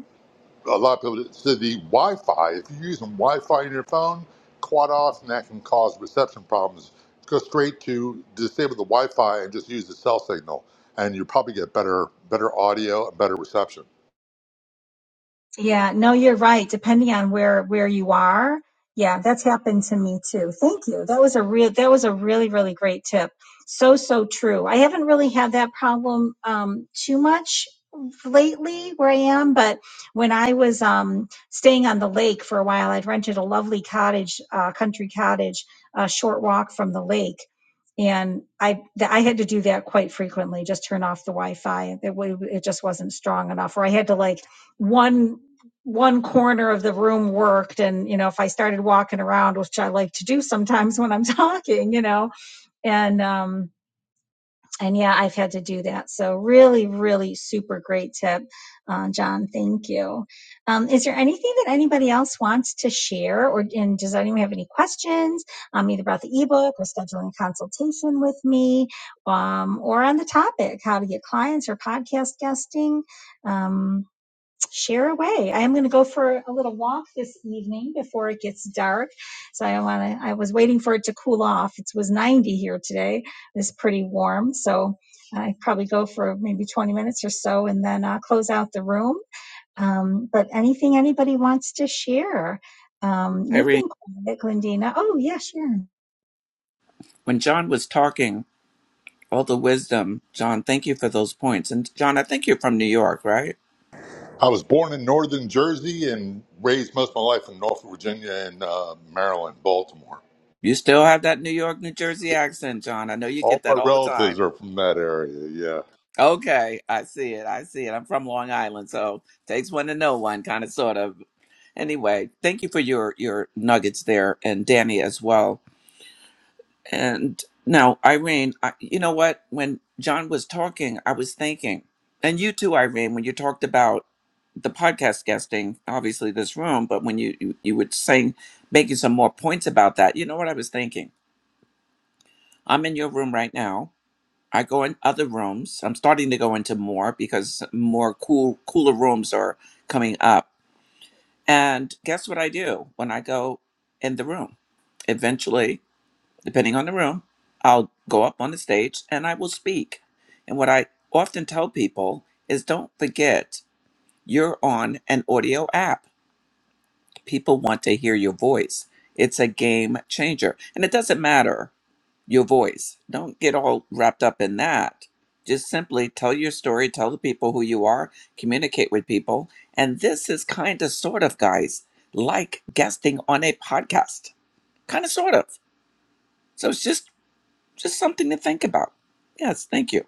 a lot of people so the Wi-Fi. If you're using Wi-Fi in your phone, quite often that can cause reception problems. Go straight to disable the Wi-Fi and just use the cell signal, and you probably get better better audio and better reception.
Yeah, no, you're right. Depending on where where you are, yeah, that's happened to me too. Thank you. That was a real that was a really really great tip. So so true. I haven't really had that problem um, too much lately where I am, but when I was um, staying on the lake for a while, I'd rented a lovely cottage, uh, country cottage, a short walk from the lake. And I, th- I had to do that quite frequently, just turn off the Wi-Fi. It, wa- it just wasn't strong enough, or I had to like one one corner of the room worked and you know if i started walking around which i like to do sometimes *laughs* when i'm talking you know and um and yeah i've had to do that so really really super great tip uh, john thank you um, is there anything that anybody else wants to share or and does anyone have any questions um, either about the ebook or scheduling a consultation with me um, or on the topic how to get clients or podcast guesting um, Share away. I am going to go for a little walk this evening before it gets dark. So I want to, I was waiting for it to cool off. It was 90 here today. It's pretty warm. So I probably go for maybe 20 minutes or so and then uh, close out the room. Um, but anything anybody wants to share? Um, you've
Irene,
been quiet, Glendina. Oh, yeah, sure.
when John was talking, all the wisdom, John, thank you for those points. And John, I think you're from New York, right?
I was born in northern Jersey and raised most of my life in Norfolk, Virginia, and uh, Maryland, Baltimore.
You still have that New York, New Jersey accent, John. I know you
All
get that
my
all the time.
relatives are from that area. Yeah.
Okay, I see it. I see it. I'm from Long Island, so takes one to know one, kind of, sort of. Anyway, thank you for your your nuggets there, and Danny as well. And now, Irene, I, you know what? When John was talking, I was thinking, and you too, Irene, when you talked about the podcast guesting, obviously this room, but when you you, you were saying making some more points about that, you know what I was thinking? I'm in your room right now. I go in other rooms. I'm starting to go into more because more cool cooler rooms are coming up And guess what I do when I go in the room? Eventually, depending on the room, I'll go up on the stage and I will speak. And what I often tell people is don't forget you're on an audio app. People want to hear your voice. It's a game changer. And it doesn't matter your voice. Don't get all wrapped up in that. Just simply tell your story, tell the people who you are, communicate with people. And this is kind of, sort of, guys, like guesting on a podcast, kind of, sort of. So it's just just something to think about. Yes, thank you.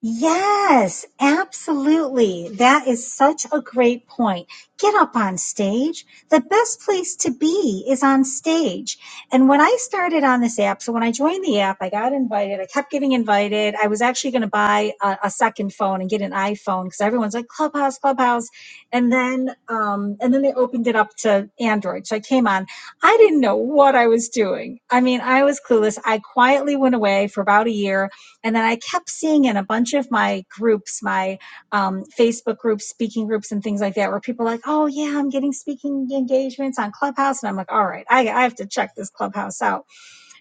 Yes, absolutely. That is such a great point. Get up on stage. The best place to be is on stage. And when I started on this app, so when I joined the app, I got invited. I kept getting invited. I was actually going to buy a, a second phone and get an iPhone because everyone's like Clubhouse, Clubhouse. And then, um, and then they opened it up to Android. So I came on. I didn't know what I was doing. I mean, I was clueless. I quietly went away for about a year and then I kept seeing in a bunch of my groups, my um, Facebook groups, speaking groups, and things like that, where people are like, oh, yeah, I'm getting speaking engagements on Clubhouse. And I'm like, all right, I, I have to check this Clubhouse out.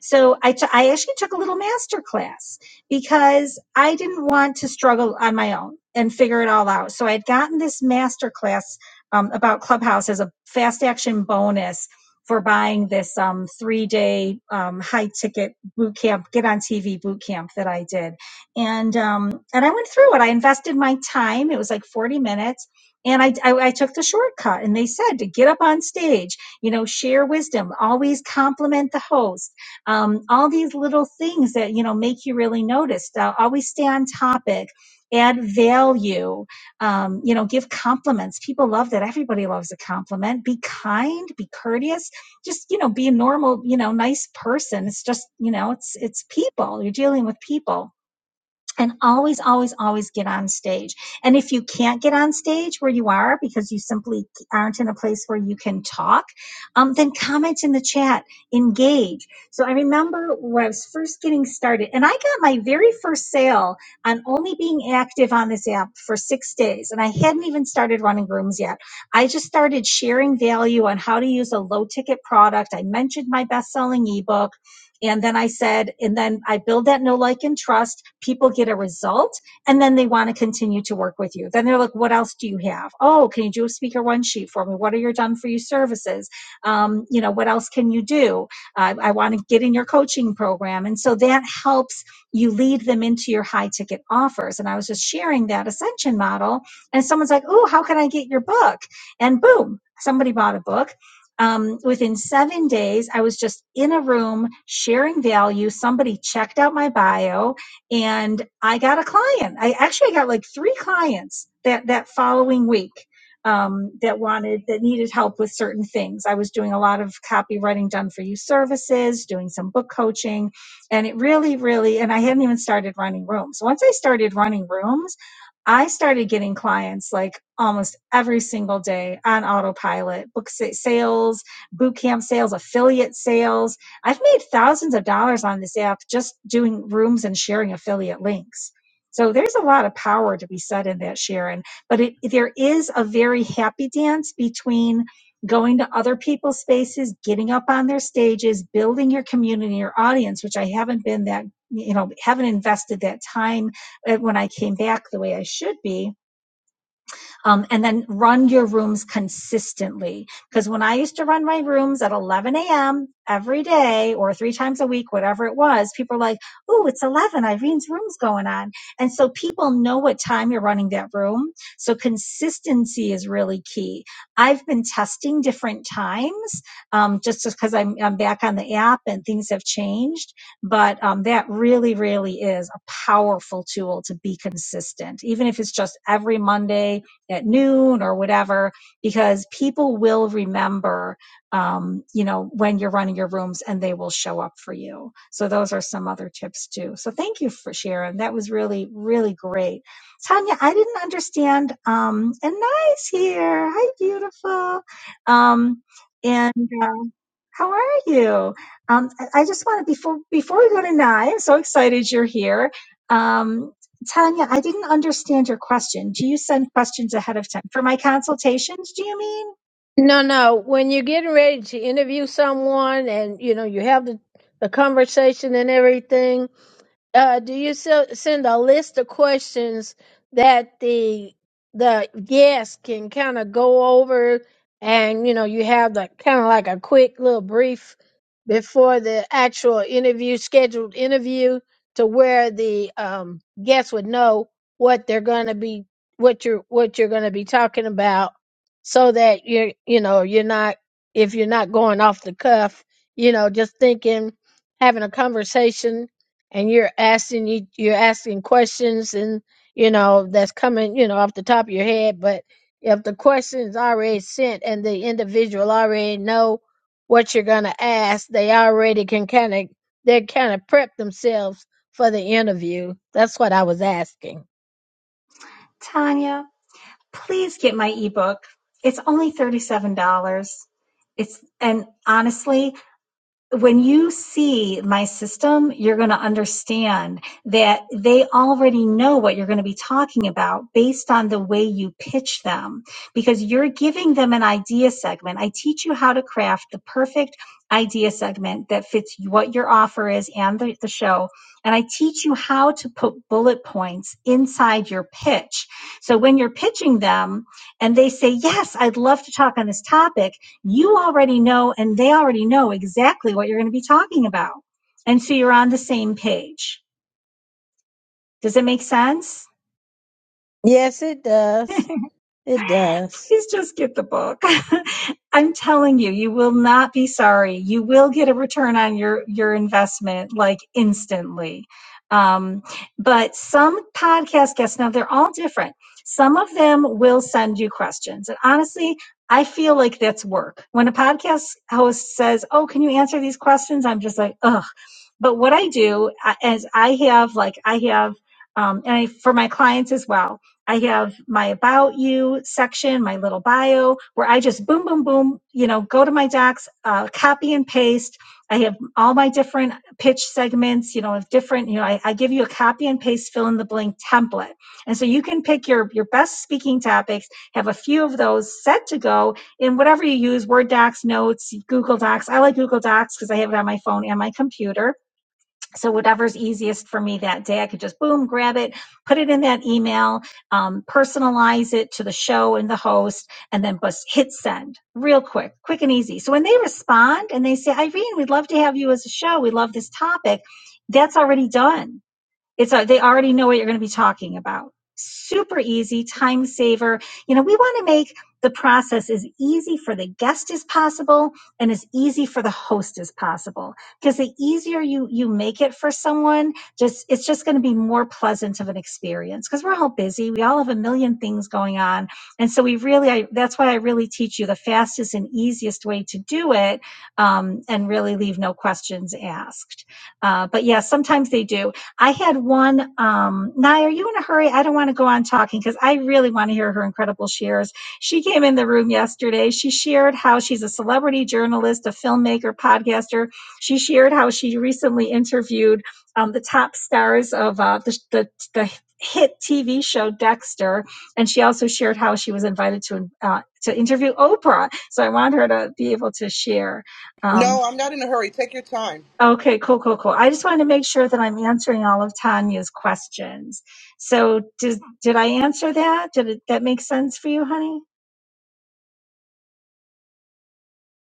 So I t- I actually took a little master class because I didn't want to struggle on my own and figure it all out. So I had gotten this master class um, about Clubhouse as a fast action bonus for buying this um, three day um, high ticket boot camp, get on TV boot camp that I did. And, um, and I went through it. I invested my time. It was like 40 minutes. And I, I, I took the shortcut and they said to get up on stage, you know, share wisdom, always compliment the host um, all these little things that you know make you really noticed uh, always stay on topic add value um, you know give compliments people love that everybody loves a compliment be kind be courteous just you know be a normal you know nice person it's just you know it's it's people you're dealing with people and always always always get on stage and if you can't get on stage where you are because you simply aren't in a place where you can talk um, then comment in the chat engage so i remember when i was first getting started and i got my very first sale on only being active on this app for six days and i hadn't even started running rooms yet i just started sharing value on how to use a low ticket product i mentioned my best-selling ebook and then I said, and then I build that no like, and trust. People get a result, and then they want to continue to work with you. Then they're like, what else do you have? Oh, can you do a speaker one sheet for me? What are your done for you services? Um, you know, what else can you do? I, I want to get in your coaching program. And so that helps you lead them into your high ticket offers. And I was just sharing that ascension model, and someone's like, oh, how can I get your book? And boom, somebody bought a book um, within seven days, I was just in a room sharing value. Somebody checked out my bio, and I got a client. I actually got like three clients that that following week um, that wanted that needed help with certain things. I was doing a lot of copywriting done for you services, doing some book coaching, and it really, really. And I hadn't even started running rooms. Once I started running rooms I started getting clients like almost every single day on autopilot, book sales, boot camp sales, affiliate sales. I've made thousands of dollars on this app just doing rooms and sharing affiliate links. So there's a lot of power to be said in that, Sharon. But it, there is a very happy dance between going to other people's spaces, getting up on their stages, building your community, your audience, which I haven't been that, you know, haven't invested that time uh, when I came back the way I should be um, and then run your rooms consistently. Because when I used to run my rooms at 11 a.m. every day or three times a week, whatever it was, people are like, "Ooh, it's 11. Irene's room's going on." And so people know what time you're running that room. So consistency is really key. I've been testing different times um, just because I'm, I'm back on the app and things have changed. But um, that really, really is a powerful tool to be consistent, even if it's just every Monday at noon or whatever because people will remember um, you know when you're running your rooms and they will show up for you so those are some other tips too so thank you for sharing that was really really great tanya i didn't understand um, and nice here hi beautiful um, and uh, how are you? Um, I I just wanted before before we go to Nye, I'm so excited you're here. Um, Tanya, I didn't understand your question. Do you send questions ahead of time for my consultations? Do you mean?
No, no. When you're getting ready to interview someone and you know you have the, the conversation and everything, uh, do you se- send a list of questions that the the guest can kind of go over and you know you have the kind of like a quick little brief before the actual interview scheduled interview to where the um, guests would know what they're going to be what you're what you're going to be talking about so that you're you know you're not if you're not going off the cuff you know just thinking having a conversation and you're asking you you're asking questions and you know that's coming you know off the top of your head but if the question's already sent and the individual already know what you're going to ask they already can kind of they kind of prep themselves for the interview that's what i was asking
Tanya, please get my ebook. It's only $37. It's and honestly, when you see my system, you're going to understand that they already know what you're going to be talking about based on the way you pitch them because you're giving them an idea segment. I teach you how to craft the perfect idea segment that fits what your offer is and the, the show. And I teach you how to put bullet points inside your pitch. So when you're pitching them and they say, Yes, I'd love to talk on this topic you already know and they already know exactly what you're going to be talking about. And so you're on the same page. Does it make sense?
yes it does it does
please just get the book. *laughs* I'm telling you, you will not be sorry. You will get a return on your your investment like instantly. Um, but some podcast guests now they're all different. Some of them will send you questions, and honestly, I feel like that's work. When a podcast host says, "Oh, can you answer these questions?" I'm just like, ugh. But what I do uh, is I have like I have, um, and I, for my clients as well. I have my about you section, my little bio, where I just boom, boom, boom, you know, go to my docs, uh, copy and paste. I have all my different pitch segments, you know, of different, you know, I, I give you a copy and paste fill in the blank template. And so you can pick your, your best speaking topics, have a few of those set to go in whatever you use, Word Docs, Notes, Google Docs. I like Google Docs because I have it on my phone and my computer so whatever's easiest for me that day i could just boom grab it put it in that email um, personalize it to the show and the host and then bus hit send real quick quick and easy so when they respond and they say irene we'd love to have you as a show we love this topic that's already done it's a, they already know what you're going to be talking about. Super easy, time saver. You know, we want to make the process as easy for the guest as possible and as easy for the host as possible. Because the easier you you make it for someone, just it's just going to be more pleasant of an experience. Because we're all busy, we all have a million things going on, and so we really I, that's why I really teach you the fastest and easiest way to do it, um, and really leave no questions asked. Uh, but yeah, sometimes they do I had one. Um, Nye, are you in a hurry? I don't want to go on talking because I really want to hear her incredible shares. She came in the room yesterday. She shared how she's a celebrity journalist, a filmmaker, podcaster. She shared how she recently interviewed um, the top stars of uh, the, the, the hit TV show Dexter, and she also shared how she was invited to uh, to interview Oprah. So I want her to be able to share. Um,
No, I'm not in a hurry. Take your time.
Okay, cool, cool, cool. I just wanted to make sure that I'm answering all of Tanya's questions. So, did did I answer that? Did it, that make sense for you, honey?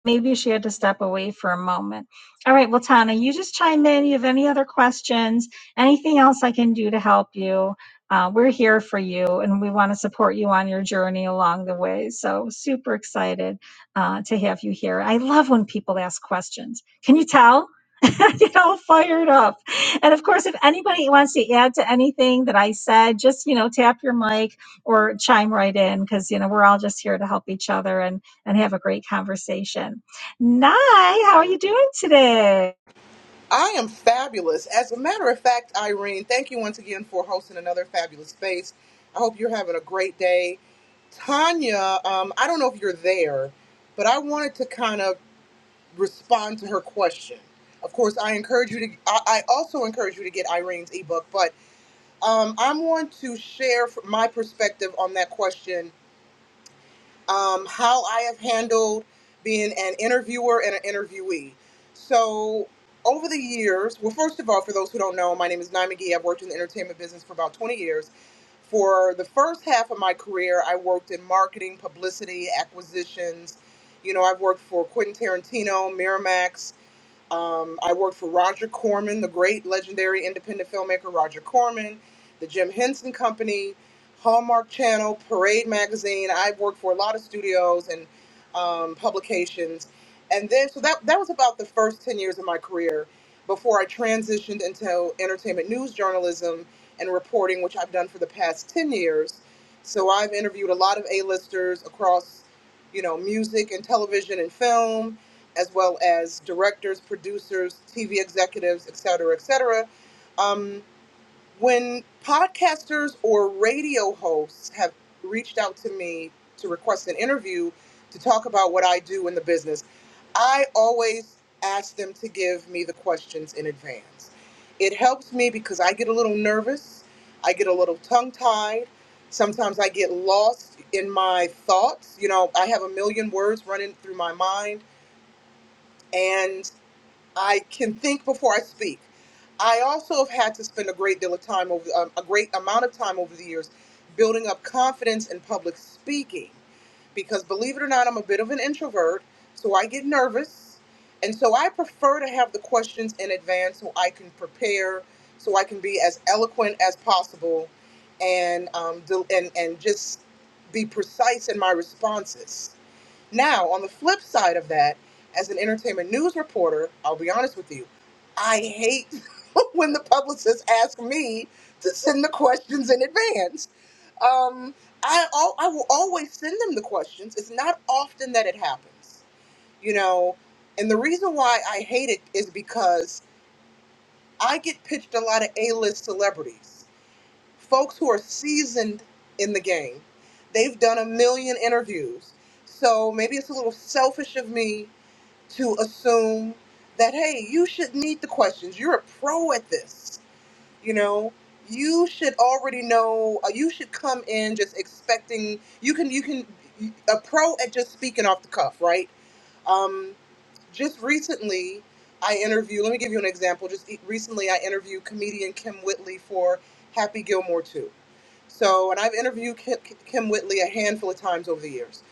Maybe she had to step away for a moment. All right, well, Tana, you just chime in. You have any other questions? Anything else I can do to help you? Uh, we're here for you, and we want to support you on your journey along the way. So super excited uh, to have you here. I love when people ask questions. Can you tell? *laughs* I get all fired up. And of course, if anybody wants to add to anything that I said, just you know, tap your mic or chime right in because you know we're all just here to help each other. And and have a great conversation. Nye, how are you doing today?
I am fabulous. As a matter of fact, Irene, thank you once again for hosting another fabulous space. I hope you're having a great day. Tanya, um, I don't know if you're there, but I wanted to kind of respond to her question. Of course, I encourage you to. I, I also encourage you to get Irene's ebook, but um, I want to share f- my perspective on that question um, how I have handled being an interviewer and an interviewee. So, over the years, well, first of all, for those who don't know, my name is Nye McGee. I've worked in the entertainment business for about 20 years. For the first half of my career, I worked in marketing, publicity, acquisitions. You know, I've worked for Quentin Tarantino, Miramax. Um, I worked for Roger Corman, the great legendary independent filmmaker Roger Corman, the Jim Henson Company, Hallmark Channel, Parade Magazine. I worked for a lot of studios and um, publications. And then, so that, that was about the first 10 years of my career before I transitioned into entertainment news journalism and reporting, which I've done for the past 10 years. So I've interviewed a lot of A-listers across you know, music and television and film, as well as directors, producers, TV executives, et cetera, et cetera. Um, when podcasters or radio hosts have reached out to me to request an interview to talk about what I do in the business, I always ask them to give me the questions in advance. It helps me because I get a little nervous, I get a little tongue tied. Sometimes I get lost in my thoughts. You know, I have a million words running through my mind. and. I can think before I speak. I also have had to spend a great deal of time over um, a great amount of time over the years building up confidence in public speaking because believe it or not I'm a bit of an introvert so I get nervous and so I prefer to have the questions in advance so I can prepare so I can be as eloquent as possible and um, del- and and just be precise in my responses now, on the flip side of that, as an entertainment news reporter, I'll be honest with you, I hate *laughs* when the publicists ask me to send the questions in advance. Um, I al- I will always send them the questions. It's not often that it happens, you know. And the reason why I hate it is because I get pitched a lot of A-list celebrities folks who are seasoned in the game. They've done a million interviews. So maybe it's a little selfish of me to assume that, hey, you should need the questions. You're a pro at this. You know, you should already know, uh, you should come in just expecting, you can, you can, a pro at just speaking off the cuff, right? Um, just recently, I interviewed, let me give you an example. Just e, recently, I interviewed comedian Kim Whitley for Happy Gilmore 2 so, and I've interviewed Kim, Kim Whitley a handful of times over the years.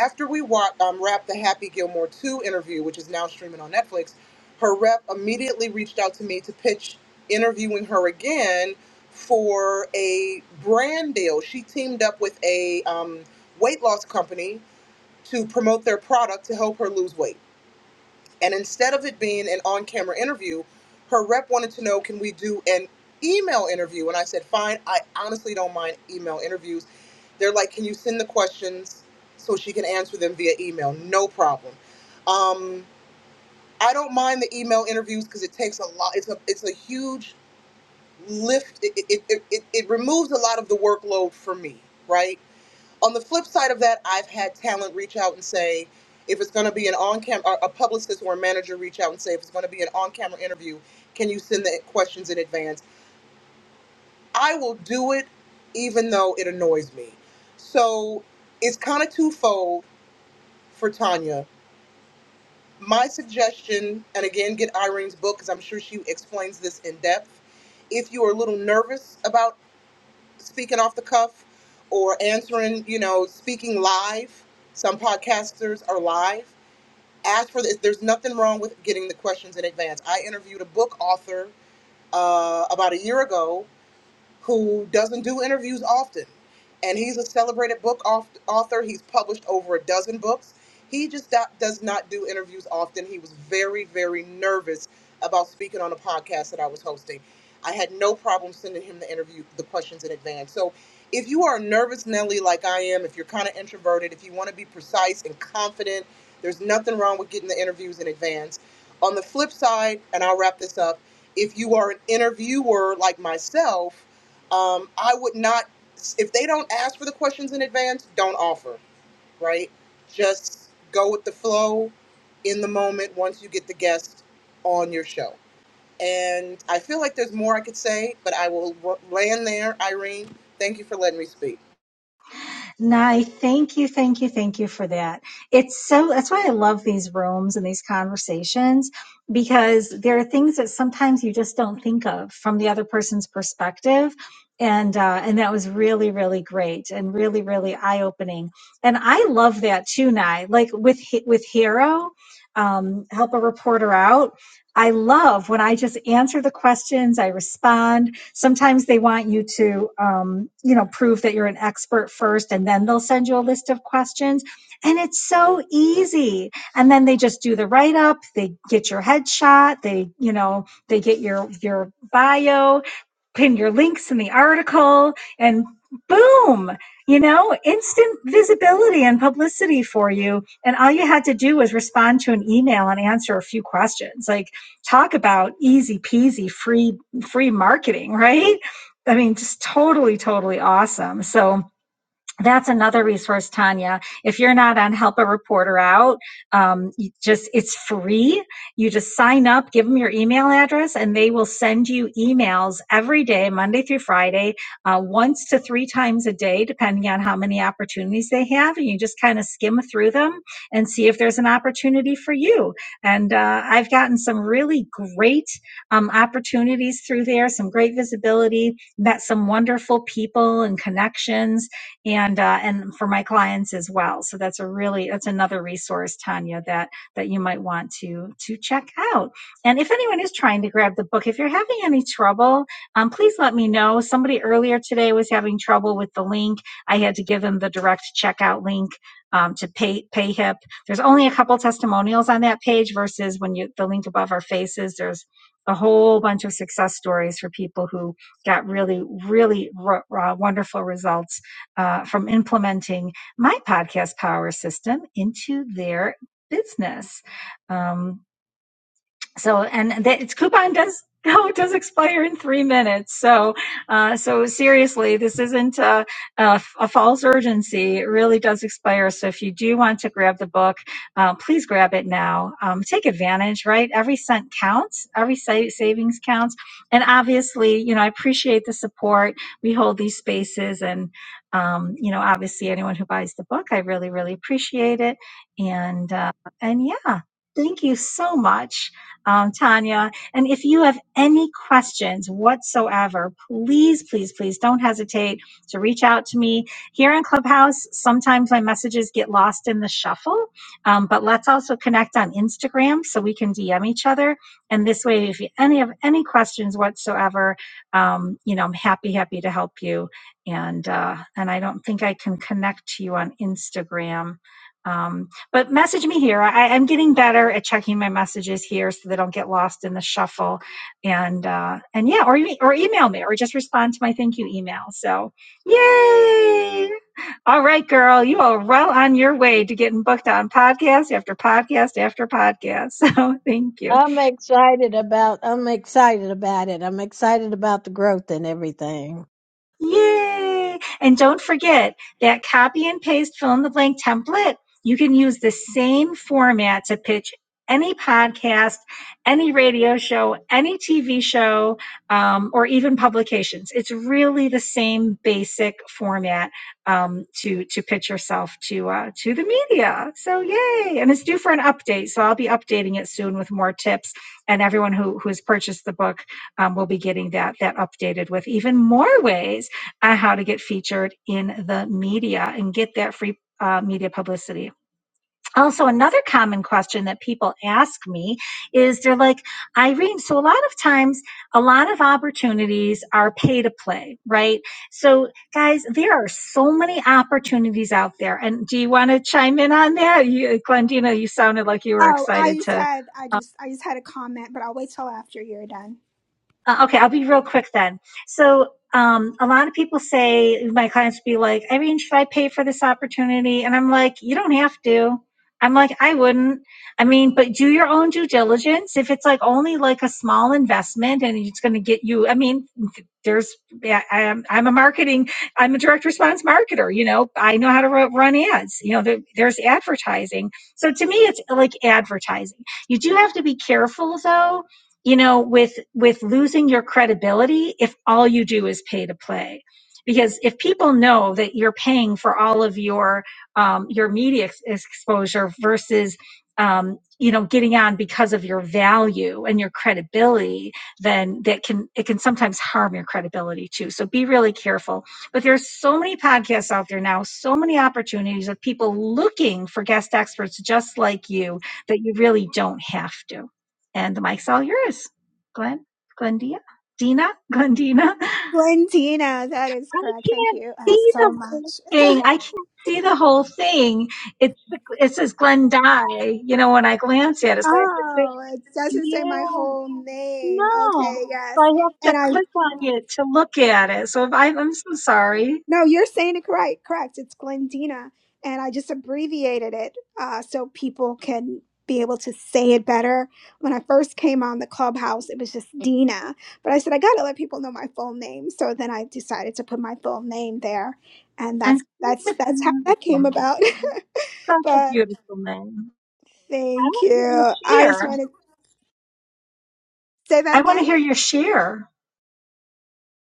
After we wa um, wrapped the Happy Gilmore 2 interview, which is now streaming on Netflix, her rep immediately reached out to me to pitch interviewing her again for a brand deal. She teamed up with a um, weight loss company to promote their product to help her lose weight. And instead of it being an on camera interview, her rep wanted to know can we do an email interview? And I said, fine, I honestly don't mind email interviews. They're like, can you send the questions so she can answer them via email? No problem. Um, I don't mind the email interviews because it takes a lot, it's a, it's a huge lift. It, it, it, it, it removes a lot of the workload for me, right? on the flip side of that, I've had talent reach out and say, if it's going to be an on-cam, or a publicist or a manager reach out and say, if it's going to be an on-camera interview, can you send the questions in advance? I will do it, even though it annoys me. So it's kind of twofold for Tanya. My suggestion, and again, get Irene's book because I'm sure she explains this in depth. If you are a little nervous about speaking off the cuff or answering, you know, speaking live. Some podcasters are live. Ask for this. There's nothing wrong with getting the questions in advance. I interviewed a book author uh, about a year ago who doesn't do interviews often. And he's a celebrated book auth- author. He's published over a dozen books. He just do- does not do interviews often. He was very, very nervous about speaking on a podcast that I was hosting. I had no problem sending him the interview, the questions in advance. So if you are a nervous Nelly like I am, if you're kind of introverted, if you want to be precise and confident, there's nothing wrong with getting the interviews in advance. On the flip side, and I'll wrap this up, if you are an interviewer like myself, um, I would not, if they don't ask for the questions in advance, don't offer, right? Just go with the flow in the moment once you get the guest on your show. And I feel like there's more I could say, but I will r- land there. Irene, thank you for letting me speak.
Nye, thank you, thank you, thank you for that. It's so, that's why I love these rooms and these conversations because there are things that sometimes you just don't think of from the other person's perspective. And, uh, and that was really, really great and really, really eye opening. And I love that too, Nye. Like with, Hi- with Hero, um, help a reporter out. I love when I just answer the questions, I respond Sometimes they want you to, um, you know, prove that you're an expert first, and then they'll send you a list of questions. And it's so easy. And then they just do the write up. They get your headshot. They, you know, they get your your bio pin your links in the article and boom you know instant visibility and publicity for you and all you had to do was respond to an email and answer a few questions like talk about easy peasy free free marketing *laughs* right i mean just totally totally awesome so that's another resource, Tanya. If you're not on Help a Reporter Out, um, you just it's free. You just sign up, give them your email address, and they will send you emails every day, Monday through Friday, uh, once to three times a day, depending on how many opportunities they have. And you just kind of skim through them and see if there's an opportunity for you. And uh, I've gotten some really great um, opportunities through there, some great visibility, met some wonderful people and connections and uh, and for my clients as well. So that's a really that's another resource, Tanya, that that you might want to to check out. And if anyone is trying to grab the book, if you're having any trouble, um, please let me know. Somebody earlier today was having trouble with the link. I had to give them the direct checkout link. Um, to pay payhip there's only a couple testimonials on that page versus when you the link above our faces there's a whole bunch of success stories for people who got really really r- uh, wonderful results uh, from implementing my podcast power system into their business. Um, so and that its coupon does *laughs* go does expire in three minutes so uh, so seriously this isn't a, a, a false urgency it really does expire so if you do want to grab the book uh, please grab it now um, take advantage right every cent counts every sa- savings counts and obviously you know i appreciate the support we hold these spaces and um, you know obviously anyone who buys the book i really really appreciate it and uh, and yeah thank you so much um, Tanya. And if you have any questions whatsoever, please, please, please don't hesitate to reach out to me. Here in Clubhouse, sometimes my messages get lost in the shuffle, um, but let's also connect on Instagram so we can DM each other. And this way, if you any have any questions whatsoever, um, you know, I'm happy, happy to help you. And uh, and I don't think I can connect to you on Instagram. Um, but message me here. I, I'm getting better at checking my messages here so they don't get lost in the shuffle. And uh, and yeah, or e- or email me or just respond to my thank you email. So yay! All right, girl, you are well on your way to getting booked on podcast after podcast after podcast. *laughs* So thank you.
i'm excited about i'm excited about it i'm excited about the growth and everything
Yay! And don't forget that copy and paste fill in the blank template. You can use the same format to pitch any podcast, any radio show, any TV show, um, or even publications. It's really the same basic format um, to to pitch yourself to uh, to the media. So yay! And it's due for an update, so I'll be updating it soon with more tips. And everyone who who has purchased the book um, will be getting that that updated with even more ways on how to get featured in the media and get that free uh, media publicity. Also, another common question that people ask me is they're like, Irene, so a lot of times, a lot of opportunities are pay to play, right? So, guys, there are so many opportunities out there. And do you want to chime in on that? You, Glendina, you sounded like you were
Oh, I
excited
just
to
had I just I just had a comment, but I'll wait till after you're done.
Uh, okay, I'll be real quick then. So, um, a lot of people say, my clients be like, Irene, should I pay for this opportunity? And I'm like, you don't have to. I'm like, I wouldn't. I mean, but do your own due diligence. If it's like only like a small investment and it's going to get you, I mean, there's, yeah, I, am I'm a marketing, I'm a direct response marketer. You know, I know how to run ads. You know, there, there's advertising. So to me, it's like advertising. You do have to be careful though you know with with losing your credibility if all you do is pay to play because if people know that you're paying for all of your um, your media ex- exposure versus um, you know getting on because of your value and your credibility then that can it can sometimes harm your credibility too so be really careful but there's so many podcasts out there now so many opportunities of people looking for guest experts just like you that you really don't have to and the mic's all yours. Glenn, Glendia, Dina, *laughs* Glendina.
Glendina, that is
I
correct. Thank
can't
you uh,
see the
so
whole
much.
thing. I can't see the whole thing. It's it says Glen Die. You know, when I glance at it, so I have to think,
Oh, it doesn't say my
yeah,
whole name.
no.
Okay,
So
yes.
I have
and
to
I.
click on it to look at it. So if I, I'm so sorry.
No, you're saying it right. Correct. It's Glendina, and I just abbreviated it uh, so people can be able to say it better. When I first came on the clubhouse, it was just Dina, but I said I got to let people know my full name, so then I decided to put my full name there, and
And
that's that's
such a
that's how
beautiful
that came
name.
about.
Such
*laughs*
a
but
beautiful name. I
thank
want to
you.
hear your
I just
share.
wanted to say that
I want
again.
to hear your share.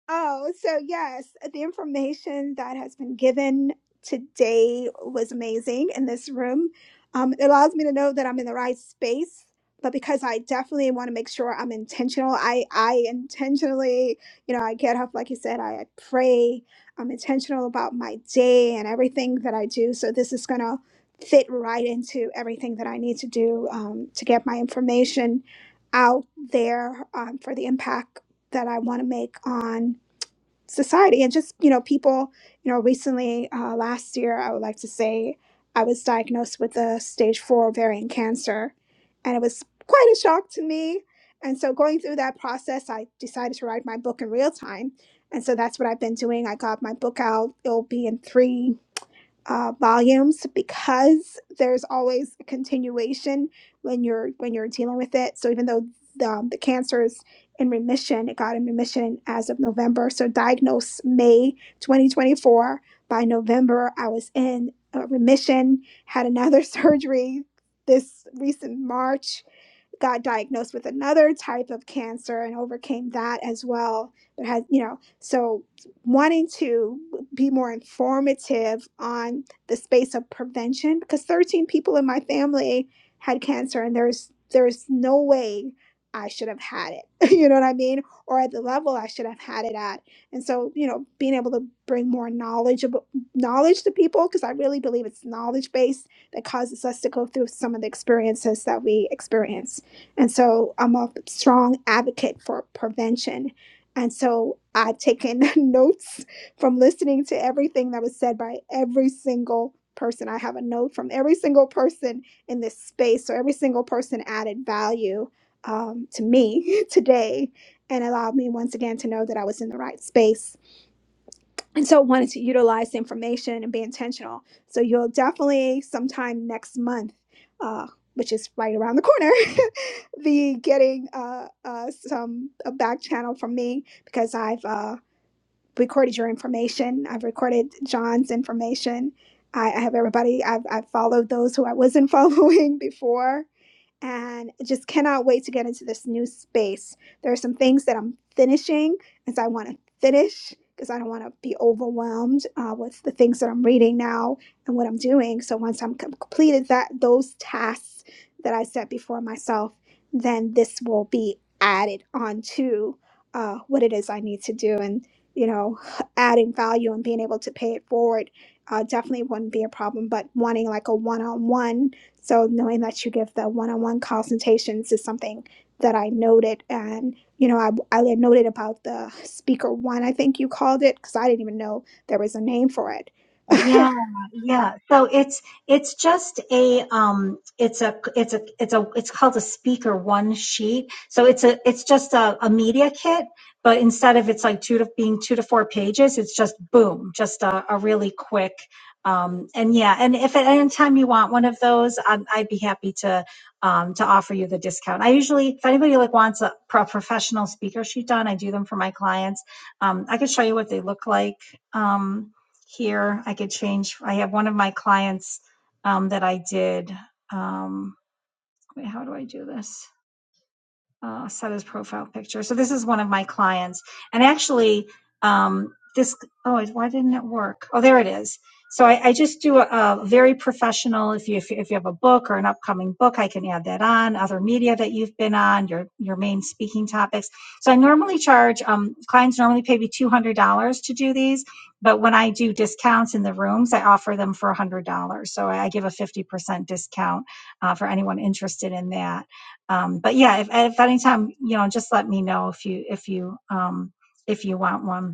Oh, so yes, uh, the information that has been given today was amazing in this room. Um, it allows me to know that I'm in the right space, but because I definitely want to make sure I'm intentional, I I intentionally, you know, I get up like you said, I, I pray, I'm intentional about my day and everything that I do. So this is gonna fit right into everything that I need to do um, to get my information out there um, for the impact that I want to make on society and just you know people you know recently uh, last year i would like to say i was diagnosed with a stage four ovarian cancer and it was quite a shock to me and so going through that process i decided to write my book in real time and so that's what i've been doing i got my book out it'll be in three uh, volumes because there's always a continuation when you're when you're dealing with it. So even though the, um, the cancer is in remission, it got in remission as of November. So diagnosed May 2024. By November, I was in uh, remission. Had another *laughs* surgery this recent March got diagnosed with another type of cancer and overcame that as well. There has, you know, so wanting to be more informative on the space of prevention because 13 people in my family had cancer and there's there's no way I should have had it. *laughs* You know what I mean? Or at the level I should have had it at. And so, you know, being able to bring more knowledge about knowledge to people because I really believe it's knowledge based that causes us to go through some of the experiences that we experience. And so I'm a strong advocate for prevention. And so I've taken *laughs* notes from listening to everything that was said by every single person. I have a note from every single person in this space. So every single person added value um, to me *laughs* today and allowed me once again to know that I was in the right space and so wanted to utilize the information and be intentional so you'll definitely sometime next month uh, which is right around the corner *laughs* be getting uh, uh, some a back channel from me because i've uh, recorded your information i've recorded john's information i, I have everybody I've, I've followed those who i wasn't *laughs* following before and just cannot wait to get into this new space. There are some things that I'm finishing, and so I want to finish because I don't want to be overwhelmed uh, with the things that I'm reading now and what I'm doing. So once I'm com- completed that those tasks that I set before myself, then this will be added onto uh, what it is I need to do, and you know, *laughs* adding value and being able to pay it forward. Uh, definitely wouldn't be a problem, but wanting like a one-on-one so knowing that you give the one-on-one consultations is something that I noted, and you know, I I noted about the speaker one, I think you called it, because I didn't even know there was a name for it.
Yeah,
*laughs*
yeah. So it's it's just a um it's a it's a it's a it's called a speaker one sheet. So it's a it's just a, a media kit, but instead of it's like two to being two to four pages, it's just boom, just a, a really quick um and yeah, and if at any time you want one of those, I'd, I'd be happy to um to offer you the discount. I usually if anybody like wants a pro professional speaker sheet done, I do them for my clients. Um I could show you what they look like. Um here. I could change. I have one of my clients um, that I did. Um, wait, how do I do this? uh, set his profile picture. So this is one of my clients, and actually, um, this oh, why didn't it work? Oh, there it is. So I, I just do a, a very professional. If you if, you- if you have a book or an upcoming book, I can add that on. Other media that you've been on, your your main speaking topics. So I normally charge um, clients normally pay me two hundred dollars to do these, but when I do discounts in the rooms, I offer them for one hundred dollars. So I give a fifty percent discount uh, for anyone interested in that. Um, but yeah, if, if anytime, you know, just let me know if you, if you, um, if you want one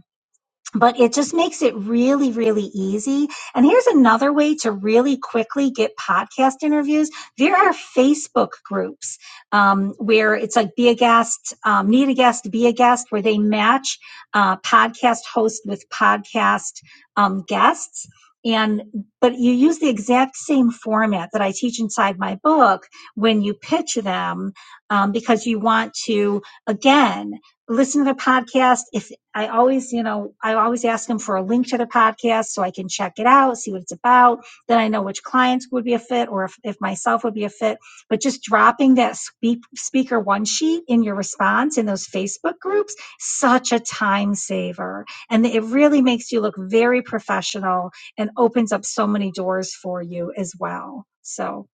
but it just makes it really, really easy. And here's another way to really quickly get podcast interviews. There are Facebook groups um, where it's like be a guest, um, need a guest, be a guest, where they match uh, podcast host with podcast um, guests. And but you use the exact same format that I teach inside my book when you pitch them um, because you want to again listen to the podcast. If I always, you know, I always ask them for a link to their podcast so I can check it out, see what it's about. Then I know which clients would be a fit or if, if myself would be a fit. But just dropping that speak, speaker one sheet in your response in those Facebook groups, such a time saver. And it really makes you look very professional and opens up so many doors for you as well. So,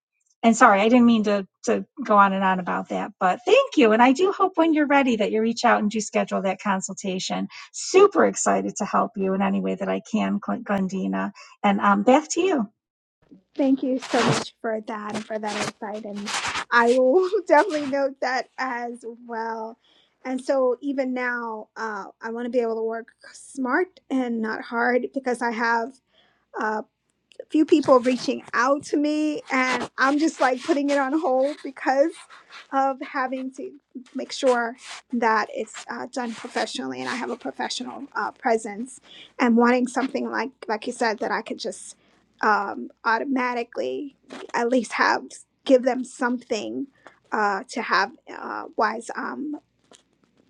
and sorry, I didn't mean to, to go on and on about that, but thank you. And I do hope when you're ready that you reach out and do schedule that consultation Super excited to help you in any way that I can, Gl- Glendina. And um, back to you.
Thank you so much for that and for that insight. And I will *laughs* definitely note that as well. And so, even now, uh, I want to be able to work smart and not hard because I have. uh, few people reaching out to me and I'm just like putting it on hold because of having to make sure that it's uh, done professionally and I have a professional uh, presence and wanting something like like you said that I could just um, automatically at least have give them something uh, to have uh, was um,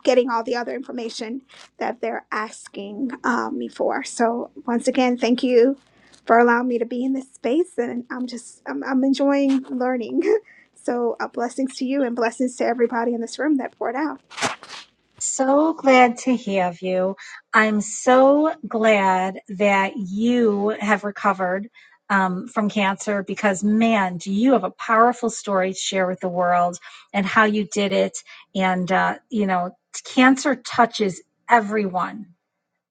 getting all the other information that they're asking um, me for. So once again, thank you for allowing me to be in this space, and I'm just I'm, I'm enjoying learning. *laughs* So uh, blessings to you and blessings to everybody in this room that poured out.
So glad to have you. I'm so glad that you have recovered um, from cancer because, man, do you have a powerful story to share with the world and how you did it. And, uh, you know, cancer touches everyone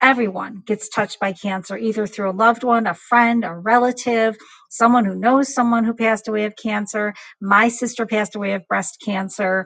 Everyone gets touched by cancer, either through a loved one, a friend, a relative, someone who knows someone who passed away of cancer. My sister passed away of breast cancer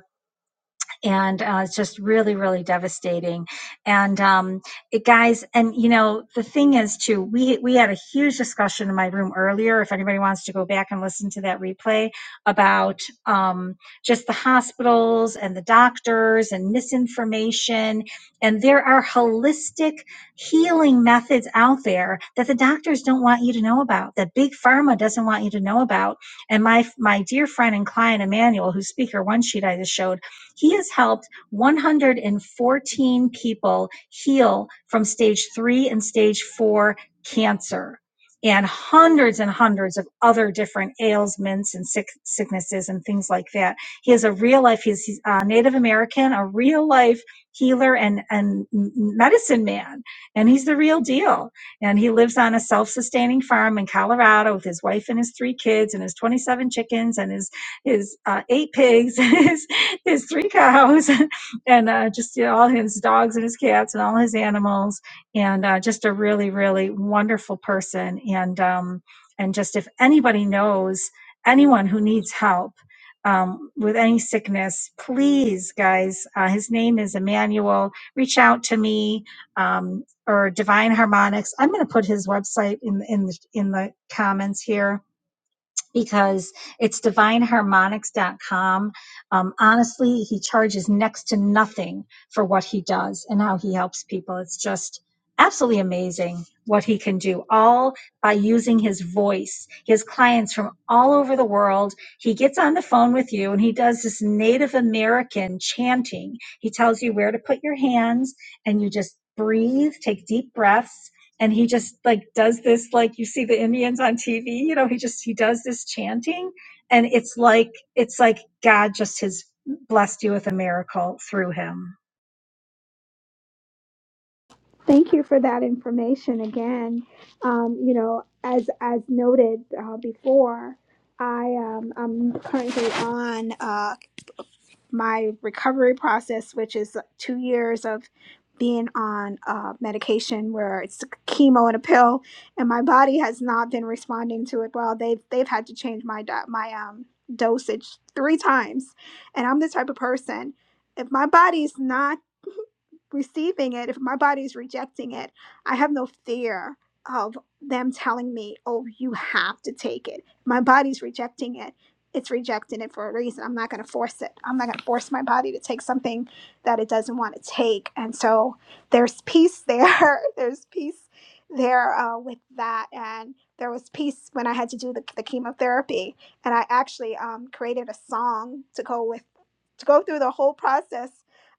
and uh, it's just really really devastating and um, it guys and you know the thing is too we we had a huge discussion in my room earlier if anybody wants to go back and listen to that replay about um, just the hospitals and the doctors and misinformation and there are holistic healing methods out there that the doctors don't want you to know about that big pharma doesn't want you to know about and my my dear friend and client emmanuel whose speaker one sheet i just showed he has helped 114 people heal from stage three and stage four cancer and hundreds and hundreds of other different ailments and sick, sicknesses and things like that. He is a real life, he's, he's a Native American, a real life healer and, and medicine man. And he's the real deal. And he lives on a self sustaining farm in Colorado with his wife and his three kids and his 27 chickens and his, his uh, eight pigs. *laughs* and his *laughs* his three cows *laughs* and uh, just you know, all his dogs and his cats and all his animals and uh, just a really really wonderful person and um, and just if anybody knows anyone who needs help um, with any sickness please guys uh, his name is emmanuel reach out to me um, or divine harmonics i'm going to put his website in, in the in the comments here because it's divineharmonics.com. Um, honestly, he charges next to nothing for what he does and how he helps people. It's just absolutely amazing what he can do, all by using his voice. He has clients from all over the world. He gets on the phone with you and he does this Native American chanting. He tells you where to put your hands and you just breathe, take deep breaths and he just like does this like you see the indians on tv you know he just he does this chanting and it's like it's like god just has blessed you with a miracle through him
Thank you for that information again. Um, you know, as as noted uh, before, I um, I'm currently on. Uh, my recovery process, which is two years of being on uh, medication where it's chemo and a pill, and my body has not been responding to it well. They've they've had to change my di- my um dosage three times, and I'm the type of person if my body's not receiving it, if my body is rejecting it, I have no fear of them telling me, oh, you have to take it. My body's rejecting it. It's rejecting it for a reason. I'm not going to force it. I'm not going to force my body to take something that it doesn't want to take. And so there's peace there. *laughs* there's peace there uh, with that. And there was peace when I had to do the, the chemotherapy. And I actually um, created a song to go with to go through the whole process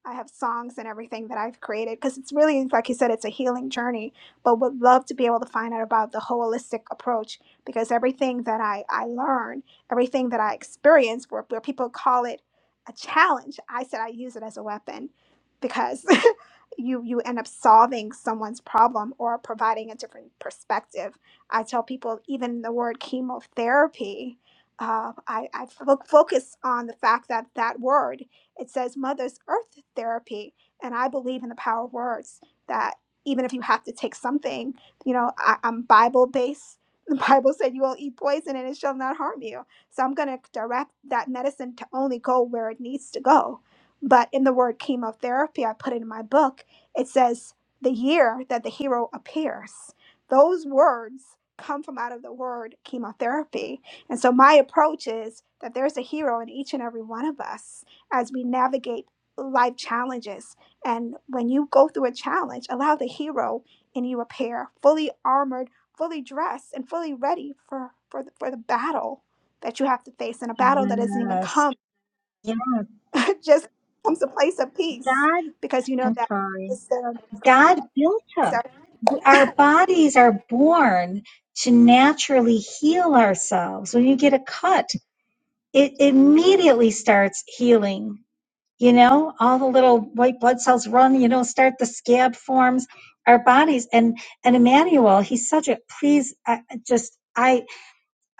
I have songs and everything that I've created because it's really, like you said, it's a healing journey. But would love to be able to find out about the holistic approach because everything that I, I learned, everything that I experienced, where, where people call it a challenge, I said I use it as a weapon because *laughs* you you end up solving someone's problem or providing a different perspective. I tell people even the word chemotherapy. Uh, I, I fo- focus on the fact that that word it says Mother's Earth Therapy. And I believe in the power of words that even if you have to take something, you know, I, I'm Bible based. *laughs* The Bible said you will eat poison and it shall not harm you. So I'm going to direct that medicine to only go where it needs to go. But in the word chemotherapy, I put it in my book, it says the year that the hero appears. Those words come from out of the word chemotherapy. And so my approach is that there's a hero in each and every one of us as we navigate life challenges. And when you go through a challenge, allow the hero in you appear, fully armored, fully dressed, and fully ready for for the, for the battle that you have to face, and a battle that doesn't even
yes
come,
yeah
*laughs* it just comes a place of peace
god
because you know
i'm
that.
sorry
is there.
god built us
So
our bodies are born to naturally heal ourselves when you get a cut it immediately starts healing you know all the little white blood cells run you know start the scab forms our bodies and and emmanuel he's such a please I, I just i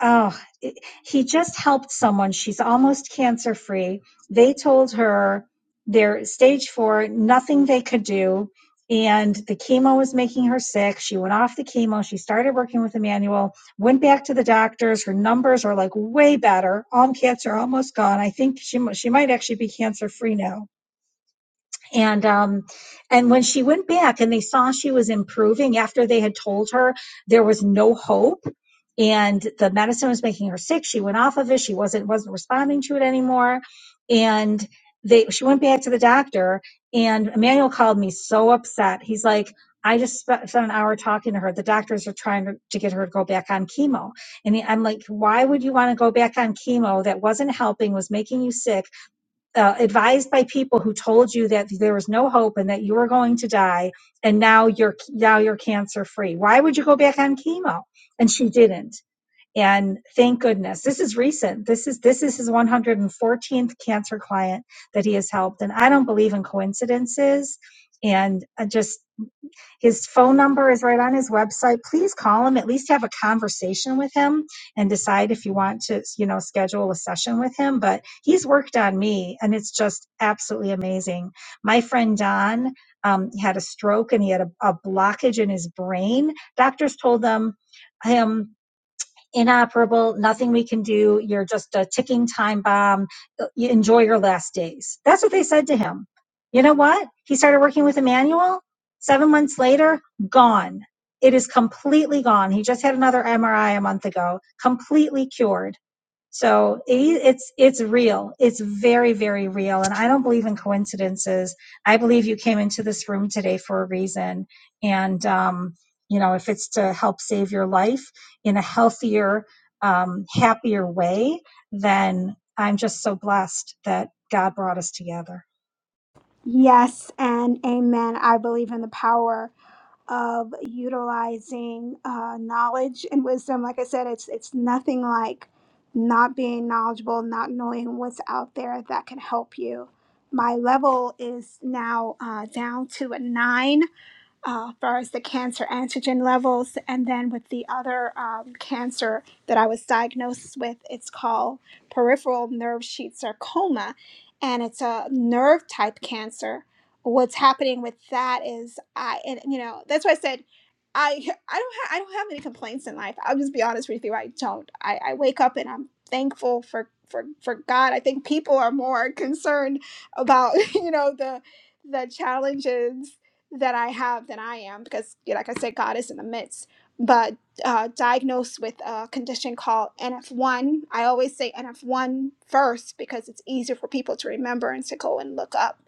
oh it- he just helped someone she's almost cancer free they told her they're stage four nothing they could do and the chemo was making her sick she went off the chemo she started working with emmanuel went back to the doctors her numbers are like way better all cancer almost gone i think she, mu- she might actually be cancer free now and um and when she went back and they saw she was improving after they had told her there was no hope and the medicine was making her sick she went off of it she wasn't wasn't responding to it anymore and they she went back to the doctor and Emmanuel called me so upset he's like I just spe- spent an hour talking to her. The doctors are trying to, to get her to go back on chemo. And he- I'm like, why would you want to go back on chemo that wasn't helping, was making you sick? uh, advised by people who told you that there was no hope and that you were going to die and now you're now you're cancer free why would you go back on chemo and she didn't and thank goodness this is recent this is this is his 114th cancer client that he has helped and i don't believe in coincidences and uh, just his phone number is right on his website. Please call him, at least have a conversation with him and decide if you want to, you know, schedule a session with him. But he's worked on me and it's just absolutely amazing. My friend Don um, had a stroke and he had a, a blockage in his brain. Doctors told them him inoperable, nothing we can do. You're just a ticking time bomb. You enjoy your last days. That's what they said to him. You know what? He started working with Emmanuel. Seven months later, gone. It is completely gone. He just had another MRI a month ago, completely cured so it, it's it's real. It's very very real, and I don't believe in coincidences. I believe you came into this room today for a reason, and um, you know if it's to help save your life in a healthier, um, happier way, then I'm just so blessed that God brought us together.
yes, and amen. I believe in the power. of utilizing uh, knowledge and wisdom. Like I said, it's it's nothing like not being knowledgeable, not knowing what's out there that can help you. My level is now uh, down to a nine uh, far as the cancer antigen levels. And then with the other um, cancer that I was diagnosed with, it's called peripheral nerve sheath sarcoma, and it's a nerve type cancer. What's happening with that is I, and you know, that's why I said. I, I don't ha- I don't have any complaints in life. I'll just be honest with you. I don't. I, I wake up and I'm thankful for, for for God. I think people are more concerned about *laughs* you know the the challenges that I have that I am because yeah, like I said, God is in the midst. But uh, diagnosed with a condition called NF1. I always say NF1 first because it's easier for people to remember and to go and look up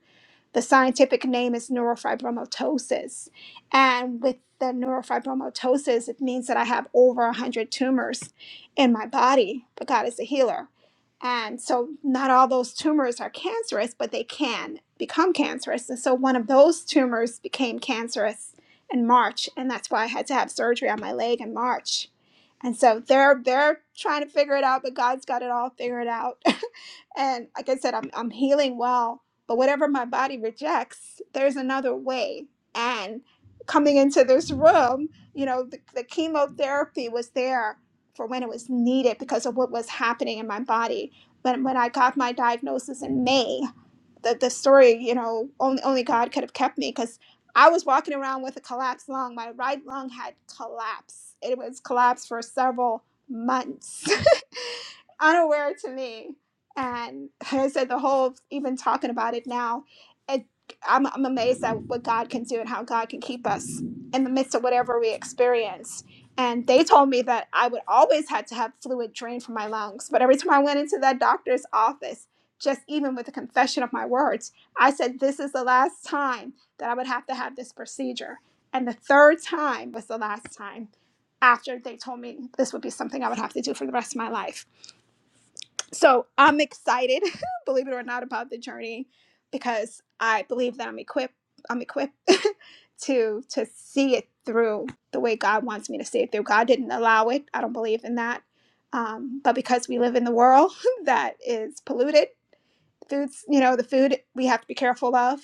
the scientific name is neurofibromatosis. And with the neurofibromatosis, it means that I have over 100 tumors in my body, but God is a healer. And so, not all those tumors are cancerous, but they can become cancerous. And so, one of those tumors became cancerous in March. And that's why I had to have surgery on my leg in March and so they're they're trying to figure it out but god's got it all figured out *laughs* and like i said i'm, I'm healing well but whatever my body rejects there's another way and coming into this room you know the, the chemotherapy was there for when it was needed because of what was happening in my body when, when i got my diagnosis in may the, the story, you know, only only God could have kept me because I was walking around with a collapsed lung. My right lung had collapsed. It was collapsed for several months. *laughs* unaware to me. And *laughs* like I said, the whole even talking about it now, it, I'm, I'm amazed at what God can do and how God can keep us in the midst of whatever we experience. And they told me that I would always had to have fluid drained from my lungs. But every time I went into that doctor's office, just even with the confession of my words, I said, This is the last time that I would have to have this procedure. And the third time was the last time after they told me this would be something I would have to do for the rest of my life so I'm excited, *laughs* believe it or not, about the journey because I believe that I'm equipped. I'm equipped *laughs* to to see it through the way God wants me to see it through. God didn't allow it. I don't believe in that. Um, but because we live in the world *laughs* that is polluted, foods you know the food we have to be careful of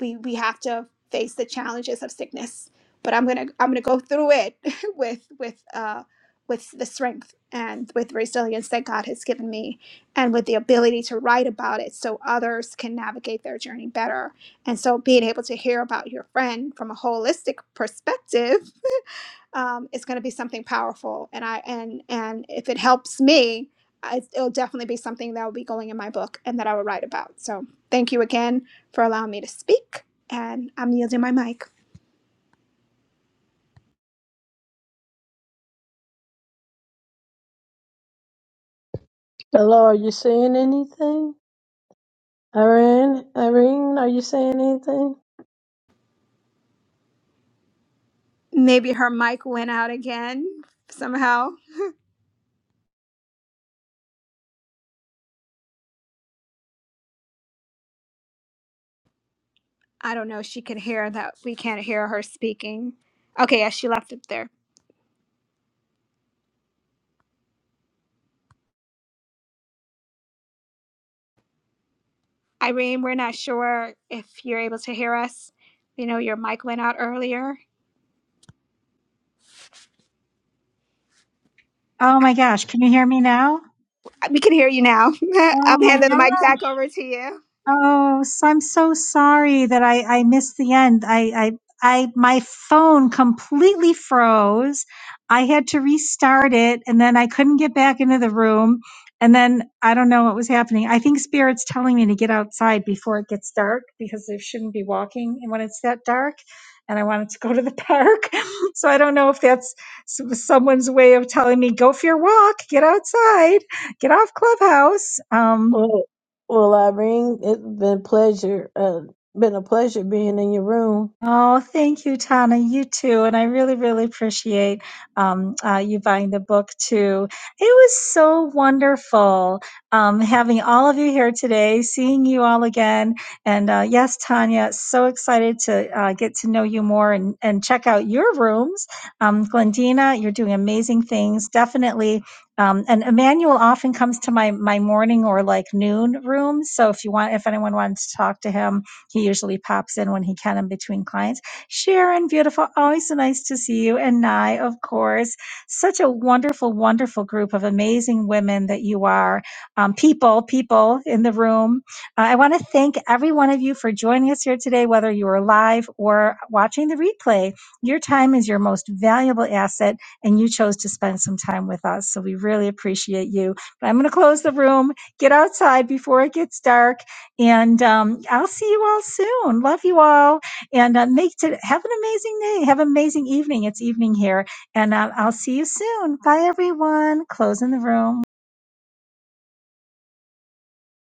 we we have to face the challenges of sickness but i'm gonna i'm gonna go through it *laughs* with with uh with the strength and with resilience that god has given me and with the ability to write about it so others can navigate their journey better and so being able to hear about your friend from a holistic perspective um, it's going to be something powerful and i and and if it helps me I, it'll definitely be something that will be going in my book and that i will write about so thank you again for allowing me to speak and i'm yielding my mic
Hello, are you saying anything? Irene, Irene, are you saying anything?
maybe her mic went out again somehow i don't know she could hear that we can't hear her speaking okay yeah she left it there irene we're not sure if you're able to hear us you know your mic went out earlier
Oh my gosh, can you hear me now?
we can hear you now *laughs*
Oh
i'm
my
handing the mic back over to you
Oh, so I'm so sorry that I, I missed the end. I, I, I, my phone completely froze. I had to restart it and then I couldn't get back into the room. And then I don't know what was happening. I think Spirit's telling me to get outside before it gets dark because they shouldn't be walking when it's that dark. And I wanted to go to the *laughs* park. So I don't know if that's s- someone's way of telling me, go for your walk, get outside, get off Clubhouse. Um,
Well, well, Irene, it's been pleasure, uh, been a pleasure being in your room.
Oh, thank you, Tana. You too. And I really, really appreciate um, uh, you buying the book too. It was so wonderful um, having all of you here today, seeing you all again. And uh, yes, Tanya, so excited to uh, get to know you more and, and check out your rooms. Um, Glendina, you're doing amazing things. Definitely. Um, and Emmanuel often comes to my, my morning or like noon room. So if you want, if anyone wants to talk to him, he usually pops in when he can in between clients. Sharon, beautiful. Always so nice to see you. And Nye, of course. Such a wonderful, wonderful group of amazing women that you are. Um, people, people in the room. Uh, I want to thank every one of you for joining us here today, whether you are live or watching the replay. Your time is your most valuable asset, and you chose to spend some time with us. So we really appreciate you. But I'm going to close the room, get outside before it gets dark, and um, I'll see you all soon. Love you all. And uh, make to have an amazing day. Have an amazing evening. It's evening here. And uh, I'll see you soon. Bye, everyone. Closing the room.